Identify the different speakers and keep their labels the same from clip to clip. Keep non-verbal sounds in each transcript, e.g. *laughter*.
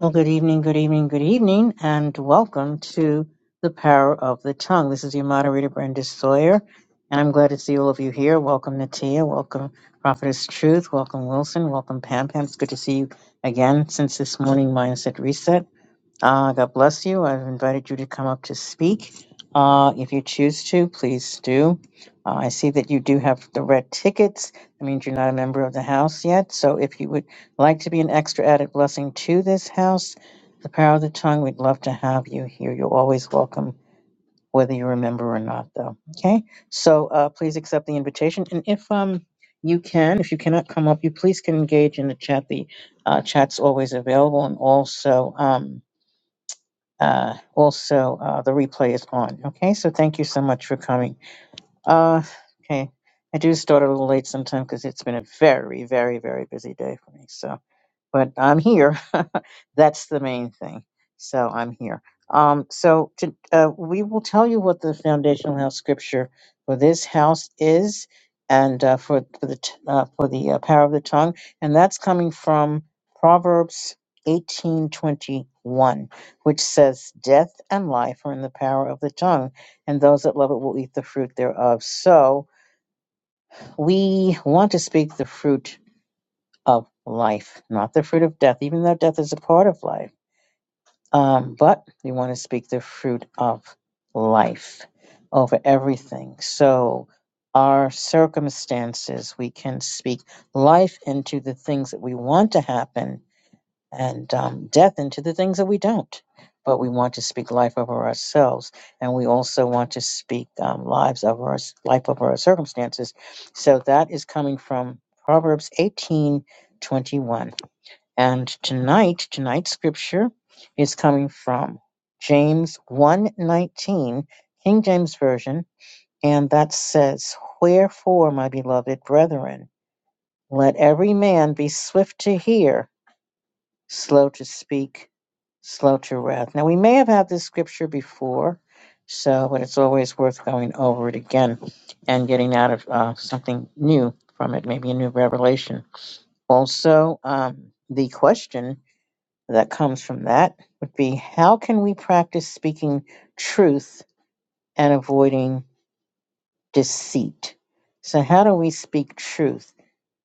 Speaker 1: Well, good evening, good evening, good evening, and welcome to the Power of the Tongue. This is your moderator, Brenda Sawyer, and I'm glad to see all of you here. Welcome, Natia. Welcome, Prophetess Truth. Welcome, Wilson. Welcome, Pam. Pam, it's good to see you again since this morning mindset reset. Uh, God bless you. I've invited you to come up to speak. Uh, if you choose to, please do. Uh, I see that you do have the red tickets. That means you're not a member of the house yet. So if you would like to be an extra added blessing to this house, the power of the tongue, we'd love to have you here. You're always welcome, whether you're a member or not, though. Okay. So uh, please accept the invitation. And if um you can, if you cannot come up, you please can engage in the chat. The uh, chat's always available. And also, um, uh, also uh, the replay is on. Okay, so thank you so much for coming. Uh, okay, I do start a little late sometime because it's been a very, very, very busy day for me. So but I'm here. *laughs* That's the main thing. So I'm here. Um, so to, uh, we will tell you what the foundational house scripture for this house is, and uh, for for the t- uh, for the uh, power of the tongue, and that's coming from Proverbs eighteen twenty one, which says, "Death and life are in the power of the tongue, and those that love it will eat the fruit thereof." So we want to speak the fruit of life, not the fruit of death, even though death is a part of life. Um, but we want to speak the fruit of life over everything. So, our circumstances, we can speak life into the things that we want to happen and um, death into the things that we don't. But we want to speak life over ourselves, and we also want to speak um, lives over our life over our circumstances. So that is coming from Proverbs eighteen twenty one. And tonight, tonight's scripture is coming from James one nineteen, King James Version, and that says, "Wherefore, my beloved brethren, let every man be swift to hear, slow to speak, slow to wrath." Now, we may have had this scripture before, so but it's always worth going over it again and getting out of uh, something new from it, maybe a new revelation. Also, um, the question that comes from that would be how can we practice speaking truth and avoiding deceit? So, how do we speak truth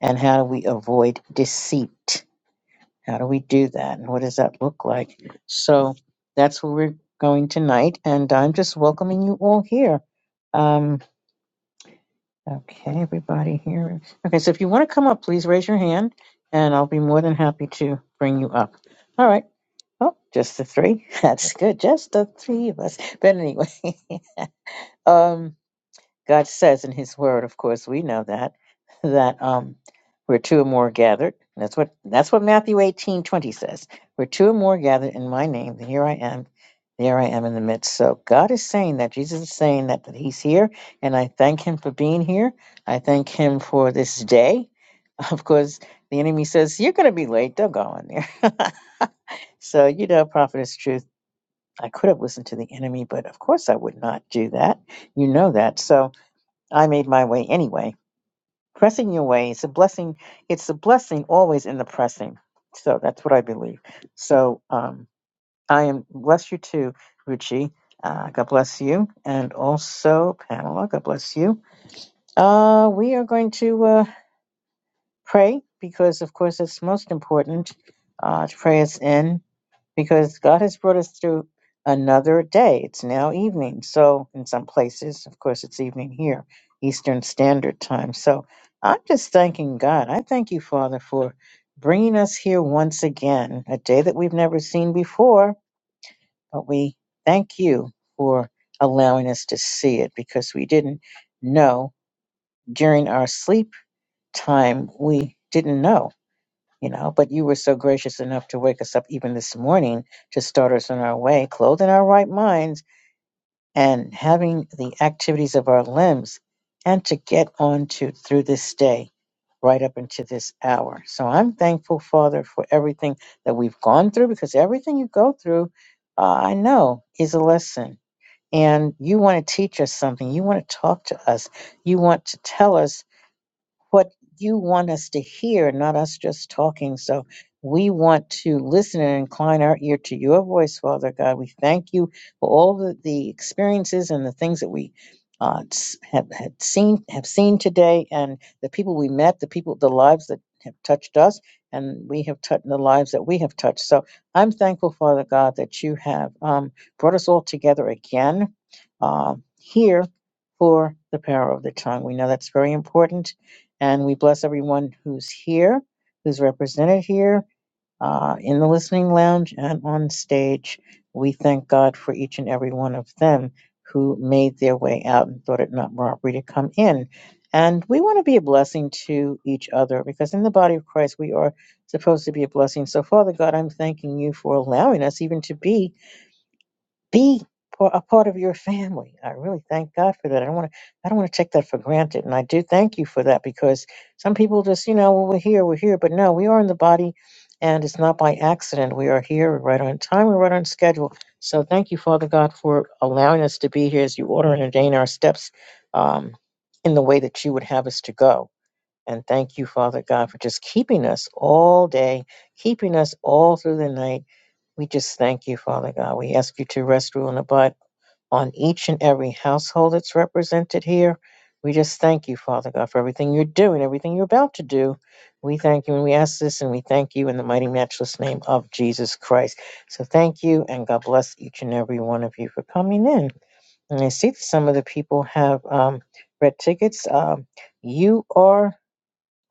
Speaker 1: and how do we avoid deceit? How do we do that and what does that look like? So, that's where we're going tonight, and I'm just welcoming you all here. Um, okay, everybody here. Okay, so if you want to come up, please raise your hand and I'll be more than happy to bring you up. All right. Oh, just the three. *laughs* That's good. Just the three of us. But anyway, *laughs* um, God says in His Word, of course, we know that *laughs* that um, we're two or more gathered. That's what that's what Matthew eighteen twenty says. We're two or more gathered in My name. Then here I am. There I am in the midst. So God is saying that Jesus is saying that that He's here, and I thank Him for being here. I thank Him for this day. *laughs* Of course, the enemy says you're going to be late. Don't go in there. *laughs* so you know, prophet is I could have listened to the enemy, but of course I would not do that. You know that. So I made my way anyway. Pressing your way is a blessing. It's a blessing always in the pressing. So that's what I believe. So um, I am bless you too, Ruchi. Uh, God bless you, and also Pamela. God bless you. Uh, we are going to uh, pray because, of course, it's most important. Uh, to pray us in. because God has brought us through another day. It's now evening. So, in some places, of course, it's evening here, Eastern Standard Time. So, I'm just thanking God. I thank you, Father, for bringing us here once again, a day that we've never seen before. But we thank you for allowing us to see it because we didn't know during our sleep time, we didn't know you know, but you were so gracious enough to wake us up even this morning to start us on our way, clothed in our right minds and having the activities of our limbs, and to get on to through this day right up into this hour. So I'm thankful, Father, for everything that we've gone through because everything you go through, uh, I know, is a lesson. And you want to teach us something. You want to talk to us. You want to tell us what you want us to hear, not us just talking. So we want to listen and incline our ear to your voice, Father God. We thank you for all the, the experiences and the things that we uh, s- have had seen have seen today, and the people we met, the people, the lives that have touched us, and we have touched the lives that we have touched. So I'm thankful, Father God, that you have um, brought us all together again uh, here for the power of the tongue. We know that's very important and we bless everyone who's here, who's represented here uh, in the listening lounge and on stage. We thank God for each and every one of them who made their way out and thought it not robbery to come in. And we want to be a blessing to each other because in the body of Christ, we are supposed to be a blessing. So, Father God, I'm thanking you for allowing us even to be be par- a part of your family. I really thank God for that. I don't want to. I don't want to take that for granted, and I do thank you for that because some people just, you know, well, we're here, we're here, but no, we are in the body, and it's not by accident. We are here, we're right on time, we're right on schedule. So thank you, Father God, for allowing us to be here as you order and ordain our steps um, in the way that you would have us to go. And thank you, Father God, for just keeping us all day, keeping us all through the night we just thank you, Father God. We ask you to rest, rule, and abide on each and every household that's represented here. We just thank you, Father God, for everything you're doing, everything you're about to do. We thank you and we ask this and we thank you in the mighty, matchless name of Jesus Christ. So thank you and God bless each and every one of you for coming in. And I see that some of the people have um, red tickets. Um, you are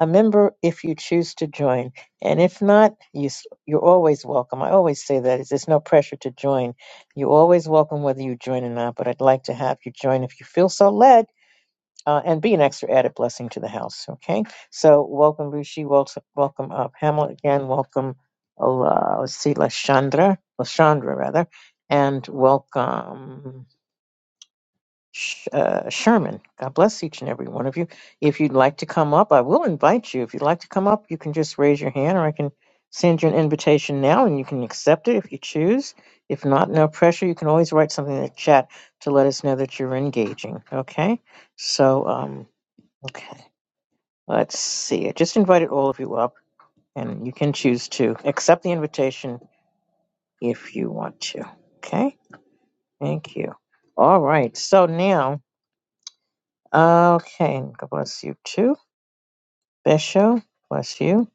Speaker 1: a member if you choose to join. And if not, you, s- you're always welcome. I always say that. is There's no pressure to join. You're always welcome whether you join or not, but I'd like to have you join if you feel so led. Uh, and be an extra added blessing to the house. Okay, so welcome Ruchi. welcome, welcome uh, Pamela again, welcome uh, let's see, Lashandra, Lashandra rather, and welcome. Sh- uh, Sherman. God bless each and every one of you. If you'd like to come up, I will invite you. If you'd like to come up, you can just raise your hand or I can send you an invitation now and you can accept it if you choose. If not, no pressure. You can always write something in the chat to let us know that you're engaging. Okay? So, um, okay. Let's see. I just invited all of you up and you can choose to accept the invitation if you want to. Okay? Thank you. All right. So now. Okay, God bless you too. Bishop, bless you.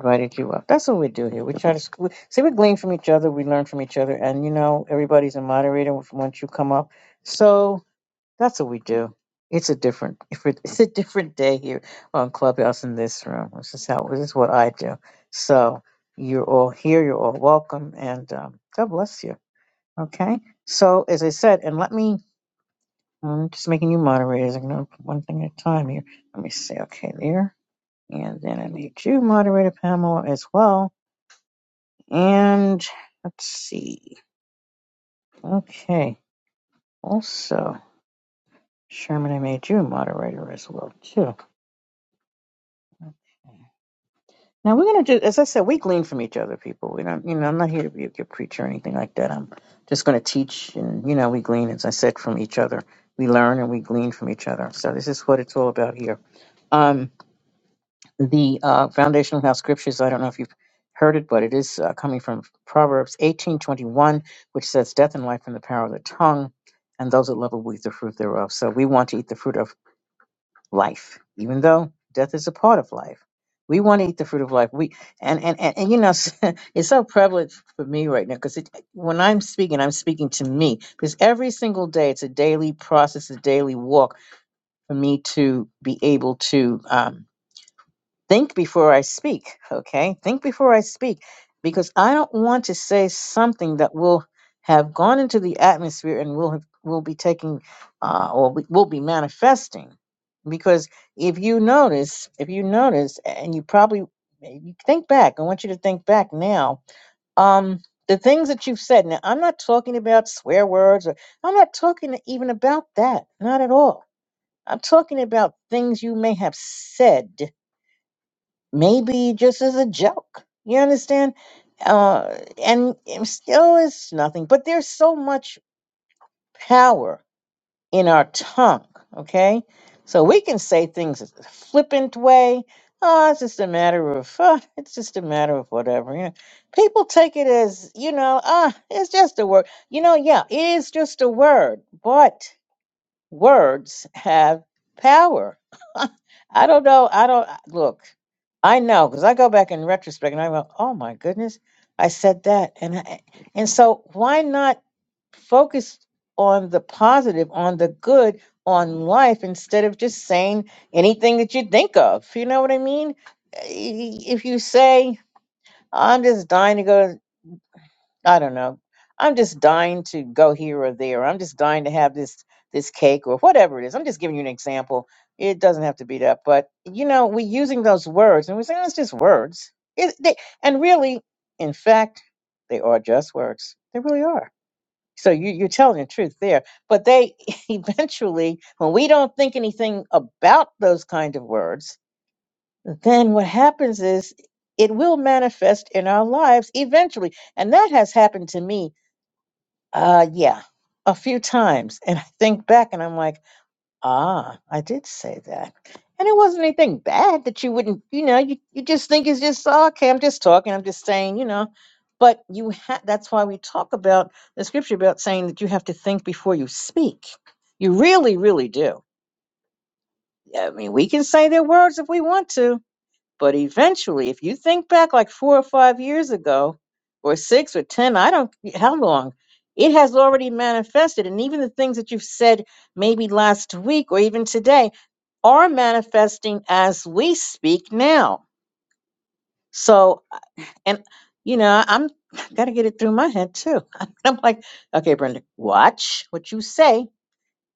Speaker 1: Invited you up. That's what we do here. We try to sc- we- see we glean from each other, we learn from each other, and you know everybody's a moderator once you come up. So that's what we do. It's a different, *laughs* it's a different day here on Clubhouse in this room. This is how this is what I do. So you're all here, you're all welcome, and um, God bless you. Okay. So as I said, and let me I'm just making you moderators. I'm going to put one thing at a time here. Let me say, Okay, there. And then I made you moderator, Pamela, as well. And let's see. Okay. Also, Sherman, I made you moderator as well, too. Okay. Now we're gonna do, as I said, we glean from each other, people. We don't, you know, I'm not here to be a good preacher or anything like that. I'm just gonna teach, and you know, we glean, as I said, from each other. We learn and we glean from each other. So this is what it's all about here. Um. the uh, foundational house scriptures. I don't know if you've heard it, but it is uh, coming from Proverbs eighteen twenty one, which says, "Death and life in the power of the tongue, and those that love it will eat the fruit thereof." So we want to eat the fruit of life, even though death is a part of life. We want to eat the fruit of life. We and and and, and you know, *laughs* it's so prevalent for me right now because when I'm speaking, I'm speaking to me because every single day it's a daily process, a daily walk for me to be able to. Um, think before I speak, okay? Think before I speak because I don't want to say something that will have gone into the atmosphere and will have, will be taking uh, or we- will be manifesting. Because if you notice, if you notice, and you probably eh, you think back, I want you to think back now. Um, the things that you've said. Now, I'm not talking about swear words, or I'm not talking even about that, not at all. I'm talking about things you may have said maybe just as a joke. You understand? Uh, and it still is nothing, but there's so much power in our tongue, okay? So we can say things a flippant way. Oh, it's just a matter of, *laughs* uh, it's just a matter of whatever. You know, people take it as, you know, ah, it's just a word. You know, yeah, it is just a word, but words have power I don't know. I don't look. I know because I go back in retrospect and I go, "Oh my goodness, I said that," and I, and so why not focus on the positive, on the good, on life instead of just saying anything that you think of? You know what I mean? I- If you say, "I'm just dying to go," I don't know. I'm just dying to go here or there. I'm just dying to have this this cake or whatever it is. I'm just giving you an example. It doesn't have to be that, but you know, we're using those words and we say, oh, it's just words. It, they, and really, in fact, they are just words. They really are. So you, you're telling the truth there. But they *laughs* eventually, when we don't think anything about those kind of words, then what happens is it will manifest in our lives eventually. And that has happened to me uh, yeah, a few times. And I think back and I'm like, ah, I did say that. And it wasn't anything bad that you wouldn't, you know, you, you just think it's just, "Oh, okay, I'm just talking, I'm just saying, you know. But you ha- that's why we talk about the scripture about saying that you have to think before you speak. You really, really do. I mean, we can say their words if we want to, but eventually, if you think back like four or five years ago, or six or 10, I don't, how long, it has already manifested. And even the things that you've said maybe last week or even today are manifesting as we speak now. So, and, you know, I'm, got to get it through my head too. *laughs* I'm like, okay, Brenda, watch what you say.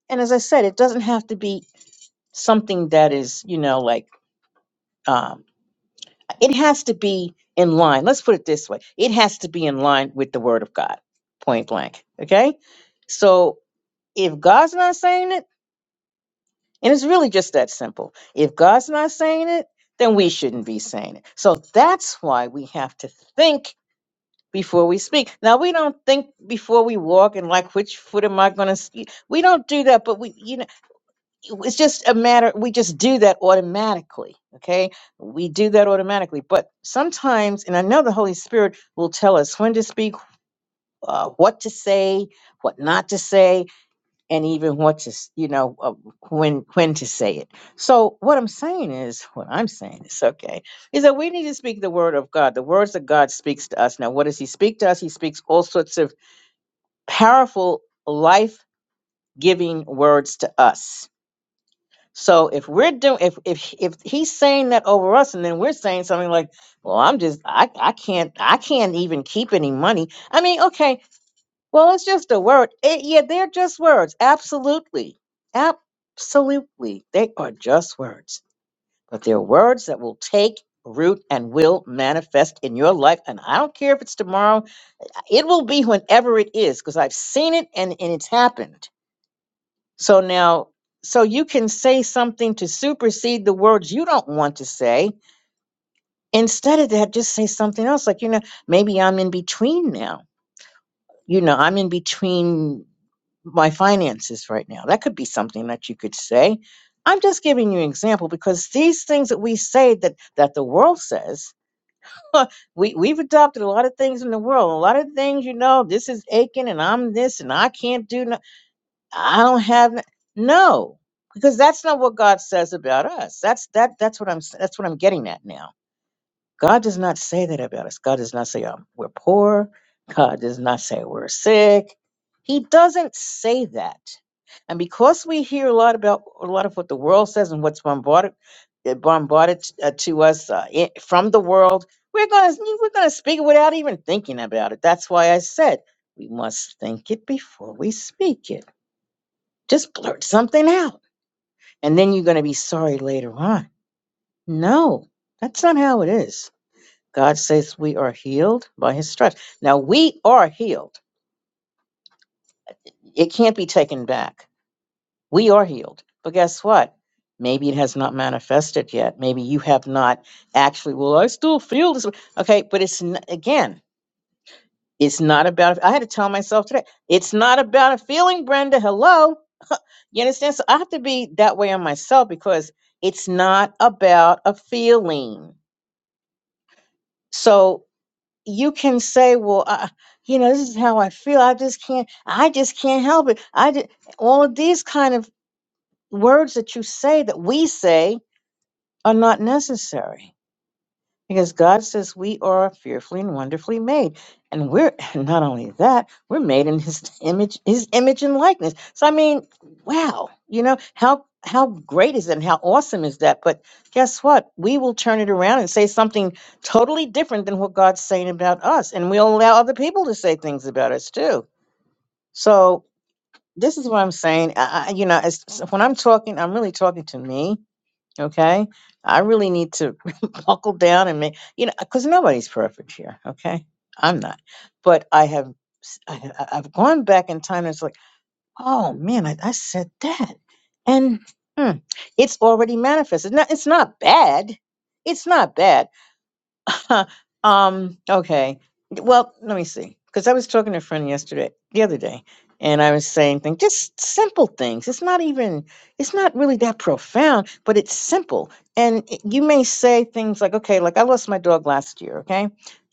Speaker 1: And as I said, it doesn't have to be something that is, you know, like, um it has to be in line. Let's put it this way it has to be in line with the word of God, point blank. Okay? So if God's not saying it, and it's really just that simple if God's not saying it, then we shouldn't be saying it. So that's why we have to think before we speak. Now we don't think before we walk and like which foot am I going to We don't do that, but we you know it's just a matter we just do that automatically okay we do that automatically but sometimes and i know the holy spirit will tell us when to speak uh, what to say what not to say and even what to s- you know uh, when when to say it so what i'm saying is what i'm saying is okay is that we need to speak the word of god the words that god speaks to us now what does he speak to us he speaks all sorts of powerful life giving words to us So if we're doing if if if he's saying that over us and then we're saying something like, well, I'm just I I can't I can't even keep any money. I mean, okay, well, it's just a word. Eh, yeah, they're just words. Absolutely. Absolutely. They are just words. But they're words that will take root and will manifest in your life. And I don't care if it's tomorrow, it will be whenever it is, because I've seen it and, and it's happened. So now, so you can say something to supersede the words you don't want to say. Instead of that, just say something else. Like, you know, maybe I'm in between now. You know, I'm in between my finances right now. That could be something that you could say. I'm just giving you an example because these things that we say that that the world says, *laughs* we we've adopted a lot of things in the world. A lot of things, you know, this is aching and I'm this and I can't do. no. I don't have it." no, because that's not what God says about us. That's that that's what I'm s- that's what I'm getting at now. God does not say that about us. God does not say um, we're poor. God does not say we're sick. He doesn't say that. And because we hear a lot about a lot of what the world says and what's bombarded uh, bombarded t- uh, to us uh, i- from the world, we're gonna we're gonna speak it without even thinking about it. That's why I said we must think it before we speak it. Just blurt something out. And then you're going to be sorry later on. No, that's not how it is. God says we are healed by his stripes. Now we are healed. It can't be taken back. We are healed. But guess what? Maybe it has not manifested yet. Maybe you have not actually, well, I still feel this. Okay, but it's, n- again, it's not about, I had to tell myself today, it's not about a feeling, Brenda. Hello. You understand? So I have to be that way on myself because it's not about a feeling. So you can say, well, I, you know, this is how I feel. I just can't, I just can't help it. I did all of these kind of words that you say that we say are not necessary Because God says we are fearfully and wonderfully made. And we're *laughs* and not only that, we're made in his *laughs* image, his image and likeness. So I mean, wow, you know, how how great is that and how awesome is that? But guess what? We will turn it around and say something totally different than what God's saying about us. And we'll allow other people to say things about us too. So this is what I'm saying. I, I, you know, it's, when I'm talking, I'm really talking to me Okay. I really need to *laughs* buckle down and make, you know, because nobody's perfect here. Okay. I'm not. But I have, s- I, I- I've gone back in time and it's like, oh man, I, I said that. And hmm, it's already manifested. Now, it's not bad. It's not bad. *laughs* um, okay. Well, let me see. Because I was talking to a friend yesterday, the other day, and I was saying things, just simple things. It's not even, it's not really that profound, but it's simple. And it- you may say things like, okay, like I lost my dog last year, okay?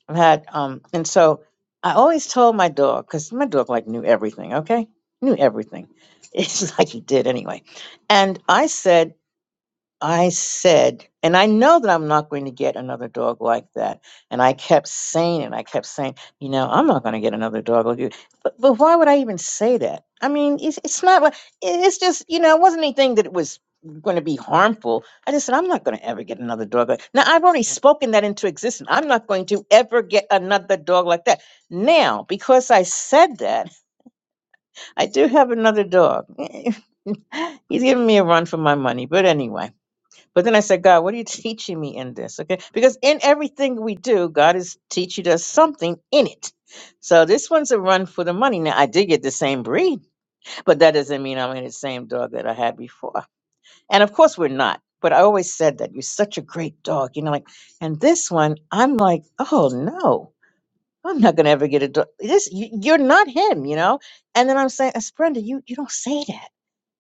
Speaker 1: I've had, um, and so I always told my dog, because my dog like knew everything, okay? Knew everything. *laughs* It's like he did anyway. And I said, I said, and I know that I'm not going to get another dog like that. And I kept saying it. I kept saying, you know, I'm not going to get another dog like you. But, but why would I even say that? I mean, it's, it's not like, it's just, you know, it wasn't anything that it was going to be harmful. I just said, I'm not going to ever get another dog like Now, I've already spoken that into existence. I'm not going to ever get another dog like that. Now, because I said that, I do have another dog. *laughs* He's giving me a run for my money. But anyway. But then I said, God, what are you teaching me in this? Okay. Because in everything we do, God is teaching us something in it. So this one's a run for the money. Now, I did get the same breed, but that doesn't mean I'm in the same dog that I had before. And of course, we're not. But I always said that you're such a great dog. You know, like, and this one, I'm like, oh no, I'm not going to ever get a dog. This, you, you're not him, you know? And then I'm saying, Esprenda, you, you don't say that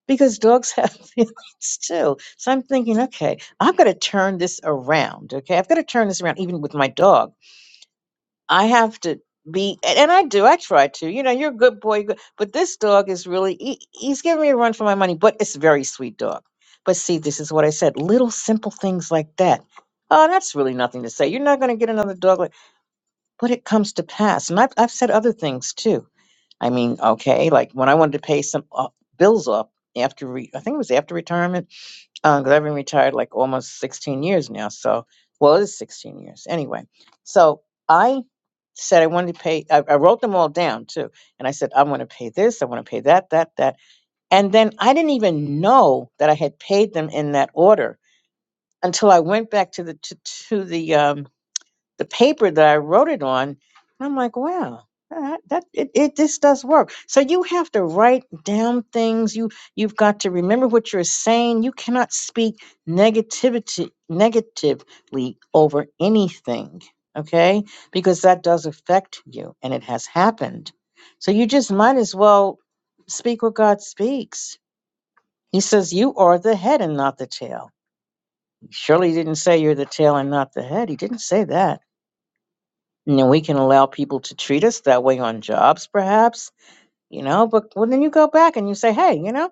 Speaker 1: because dogs have *laughs* feelings too. So I'm thinking, okay, I've got to turn this around. Okay, I've got to turn this around. Even with my dog, I have to be, and, and I do. I try to. You know, you're a good boy, you're good, but this dog is really he, he's giving me a run for my money. But it's a very sweet dog. But see, this is what I said: little simple things like that. Oh, that's really nothing to say. You're not going to get another dog like. But it comes to pass, and I've I've said other things too. I mean, okay, like when I wanted to pay some uh, bills off after re- I think it was after retirement because I've been retired like almost 16 years now. So, well, it is 16 years anyway. So I said I wanted to pay. I, I wrote them all down too, and I said I want to pay this, I want to pay that, that, that, and then I didn't even know that I had paid them in that order until I went back to the to, to the um, the paper that I wrote it on. And I'm like, wow, that, that it, it this does work. So you have to write down things. You you've got to remember what you're saying. You cannot speak negativity negatively over anything, okay? Because that does affect you, and it has happened. So you just might as well speak what God speaks. He says, "You are the head and not the tail." He surely didn't say you're the tail and not the head. He didn't say that. You know, we can allow people to treat us that way on jobs, perhaps, you know, but well, then you go back and you say, hey, you know,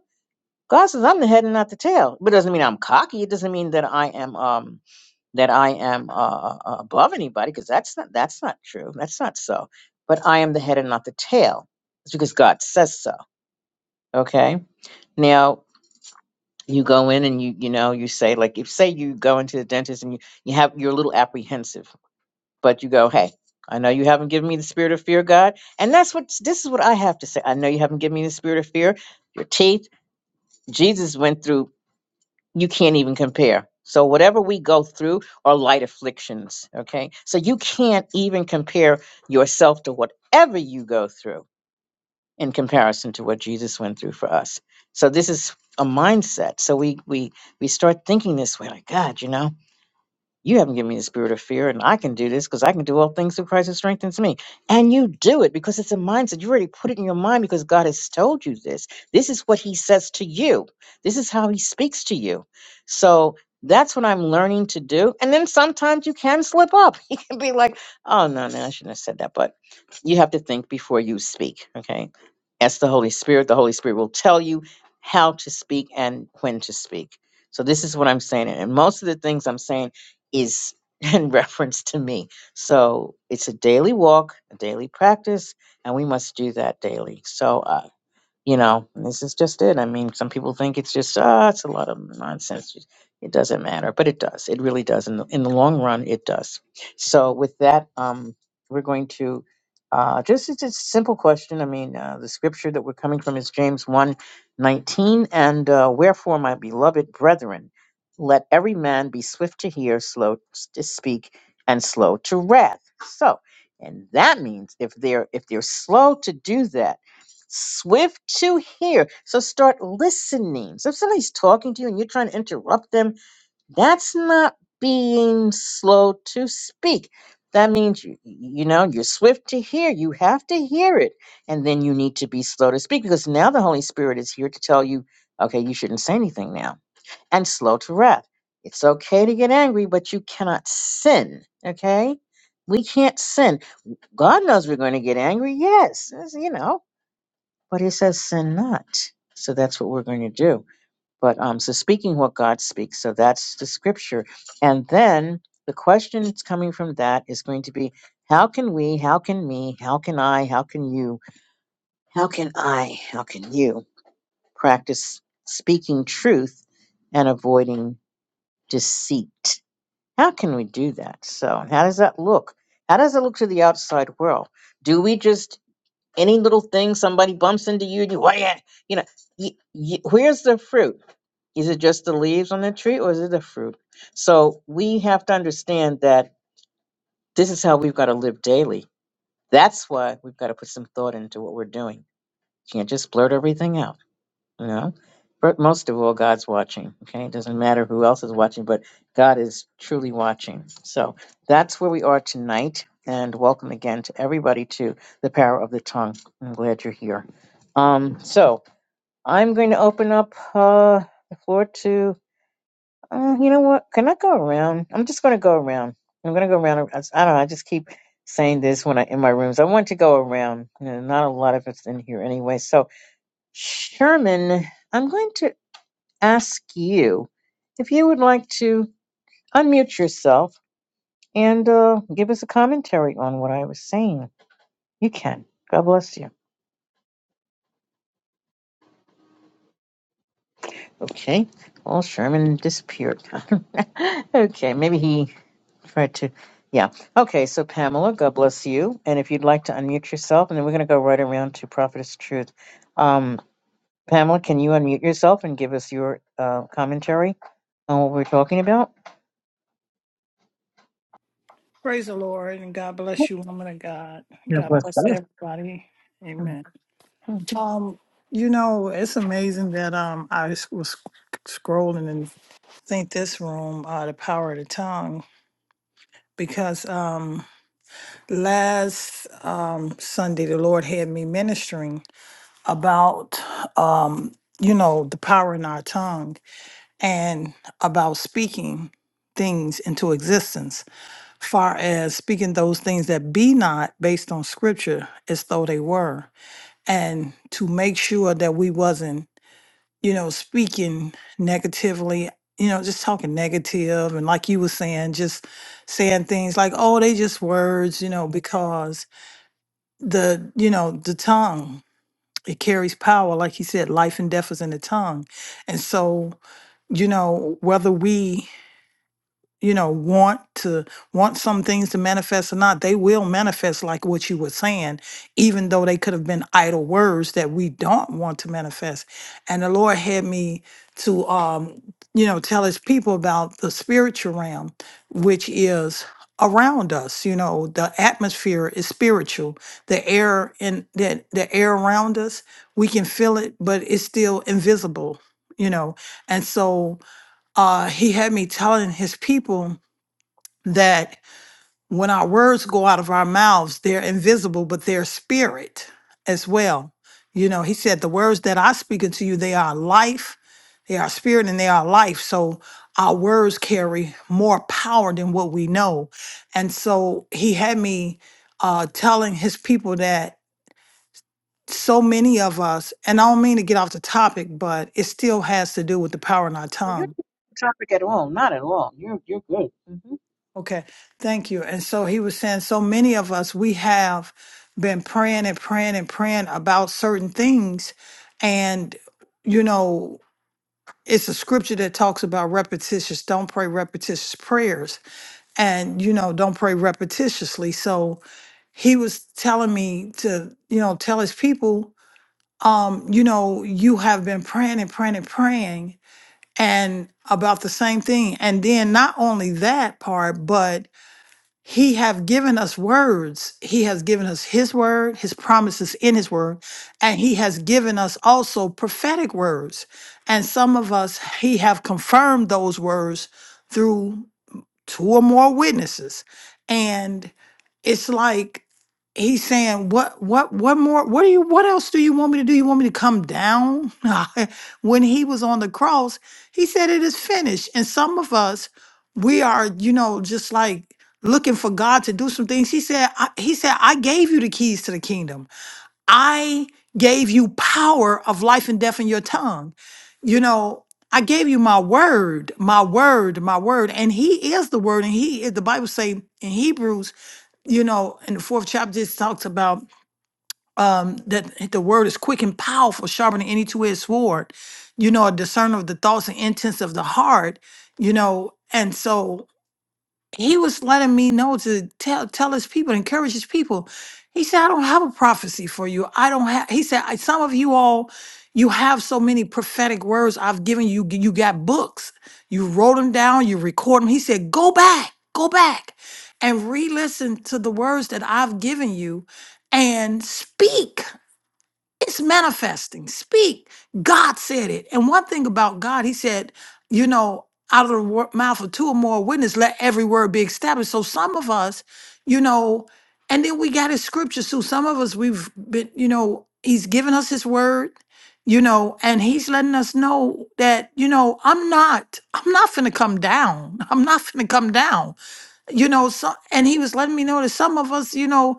Speaker 1: God says I'm the head and not the tail. But it doesn't mean I'm cocky. It doesn't mean that I am, um, that I am uh, uh, uh, above anybody, because that's not that's not true. That's not so. But I am the head and not the tail. It's because God says so. Okay. Now you go in and you you know you say like if say you go into the dentist and you you have you're a little apprehensive but you go, hey, I know you haven't given me the spirit of fear, God. And that's what this is what I have to say. I know you haven't given me the spirit of fear. Your teeth, Jesus went through, you can't even compare. So whatever we go through are light afflictions, okay? So you can't even compare yourself to whatever you go through in comparison to what Jesus went through for us. So this is a mindset. So we we we start thinking this way like, God, you know, you haven't given me the spirit of fear, and I can do this because I can do all things through Christ who strengthens me. And you do it because it's a mindset. You already put it in your mind because God has told you this. This is what He says to you, this is how He speaks to you. So that's what I'm learning to do. And then sometimes you can slip up. *laughs* You can be like, oh, no, no, I shouldn't have said that. But you have to think before you speak, okay? Ask the Holy Spirit. The Holy Spirit will tell you how to speak and when to speak. So this is what I'm saying. And most of the things I'm saying is *laughs* in reference to me. So it's a daily walk, a daily practice, and we must do that daily. So, uh, you know, this is just it. I mean, some people think it's just ah, it's a lot of nonsense. It doesn't matter, but it does. It really does. In the, in the long run, it does. So with that, um, we're going to uh, just it's a simple question. I mean, uh, the scripture that we're coming from is James one 19, and uh, wherefore, my beloved brethren, let every man be swift to hear, slow to speak, and slow to wrath. So, and that means if they're if they're slow to do that swift to hear. So start listening. So if somebody's talking to you and you're trying to interrupt them, that's not being slow to speak. That means you, you know you're swift to hear. You have to hear it, and then you need to be slow to speak because now the Holy Spirit is here to tell you, okay, you shouldn't say anything now, and slow to wrath. It's okay to get angry, but you cannot sin. Okay, we can't sin. God knows we're going to get angry. Yes, you know, but it says sin not. So that's what we're going to do. But um, so speaking what God speaks, so that's the scripture. And then the question that's coming from that is going to be how can we, how can me, how can I, how can you, how can I, how can you practice speaking truth and avoiding deceit? How can we do that? So, and how does that look? How does it look to the outside world? Do we just any little thing somebody bumps into you and you, "Why ya-" you know, y y where's the fruit? Is it just the leaves on the tree or is it the fruit? So we have to understand that this is how we've got to live daily. That's why we've got to put some thought into what we're doing. Can't just blurt everything out you know but most of all god's watching okay it doesn't matter who else is watching but god is truly watching so that's where we are tonight and welcome again to everybody to the power of the tongue i'm glad you're here um so i'm going to open up uh the floor to uh, you know what can i go around i'm just going to go around i'm going to go around i I don't know i just keep saying this when i in my rooms i want to go around you know, not a lot of it's in here anyway so sherman I'm going to ask you if you would like to unmute yourself and uh, give us a commentary on what I was saying. You can. God bless you. Okay. Well, Sherman disappeared. *laughs* okay. Maybe he tried to. Yeah. Okay. So, Pamela, God bless you. And if you'd like to unmute yourself, and then we're going to go right around to Prophetess Truth. Um, Pamela, can you unmute yourself and give us your uh, commentary on what we're talking about?
Speaker 2: Praise the Lord and God bless you, woman of God.
Speaker 1: God
Speaker 2: God
Speaker 1: bless
Speaker 2: bless everybody. Amen.
Speaker 1: you.
Speaker 2: Um, you know, it's amazing that um I s- was sc- scrolling and think this room, uh, the power of the tongue, because um last um Sunday the Lord had me ministering about um, you know, the power in our tongue and about speaking things into existence far as speaking those things that be not based on scripture as though they were and to make sure that we wasn't you know speaking negatively you know just talking negative and like you were saying just saying things like oh they just words you know because the you know the tongue it carries power like you said life and death is in the tongue and so you know whether we you know want to want some things to manifest or not they will manifest like what you were saying even though they could have been idle words that we don't want to manifest and the lord had me to um you know tell his people about the spiritual realm which is around us you know the atmosphere is spiritual the air in the, the air around us we can feel it but it's still invisible you know and so uh he had me telling his people that when our words go out of our mouths, they're invisible, but they're spirit as well. You know, he said, The words that I speak unto you, they are life, they are spirit, and they are life. So our words carry more power than what we know. And so he had me uh, telling his people that so many of us, and I don't mean to get off the topic, but it still has to do with the power in our
Speaker 1: Oh, you're
Speaker 2: tongue
Speaker 1: not on topic at all. Not at all. You're you're good. hmm
Speaker 2: Okay, thank you. And so he was saying, so many of us, we have been praying and praying and praying about certain things. And, you know, it's a scripture that talks about repetitious, don't pray repetitious prayers. And, you know, don't pray repetitiously. So he was telling me to, you know, tell his people, um, you know, you have been praying and praying and praying and about the same thing. And then not only that part, but he have given us words he has given us his word his promises in his word and he has given us also prophetic words and some of us he have confirmed those words two or more witnesses and it's like he's saying what what what more what do you what else do you want me to do you want me to come down *laughs* when he was on the cross he said it is finished and some of us we are you know just like looking for god to do some things he said I, he said i gave you the keys to the kingdom I gave you power of life and death in your tongue. You know, I gave you my word, my word, my word, and He is the word. And He, is- the Bible say in Hebrews, you know, in the fourth chapter, it talks about um, that the word is quick and powerful, sharper than any two-edged sword. You know, a discerner of the thoughts and intents of the heart. You know, and so he was letting me know to tell tell his people, encourage his people. He said, I don't have a prophecy for you. I don't have he said, "I- some of you all, you have so many prophetic words I've given you. You got books. You wrote them down, you record them. He said, Go back, go back and re-listen to the words that I've given you and speak it's manifesting. Speak. God said it. And one thing about God, He said, you know, out of the wor- mouth of two or more witnesses, let every word be established. So some of us, you know, and then we got His scriptures. So some of us, we've been, you know, He's given us His word, you know, and He's letting us know that, you know, I'm not, I'm not finna come down. *laughs* I'm not finna come down, you know. So and He was letting me know that some of us, you know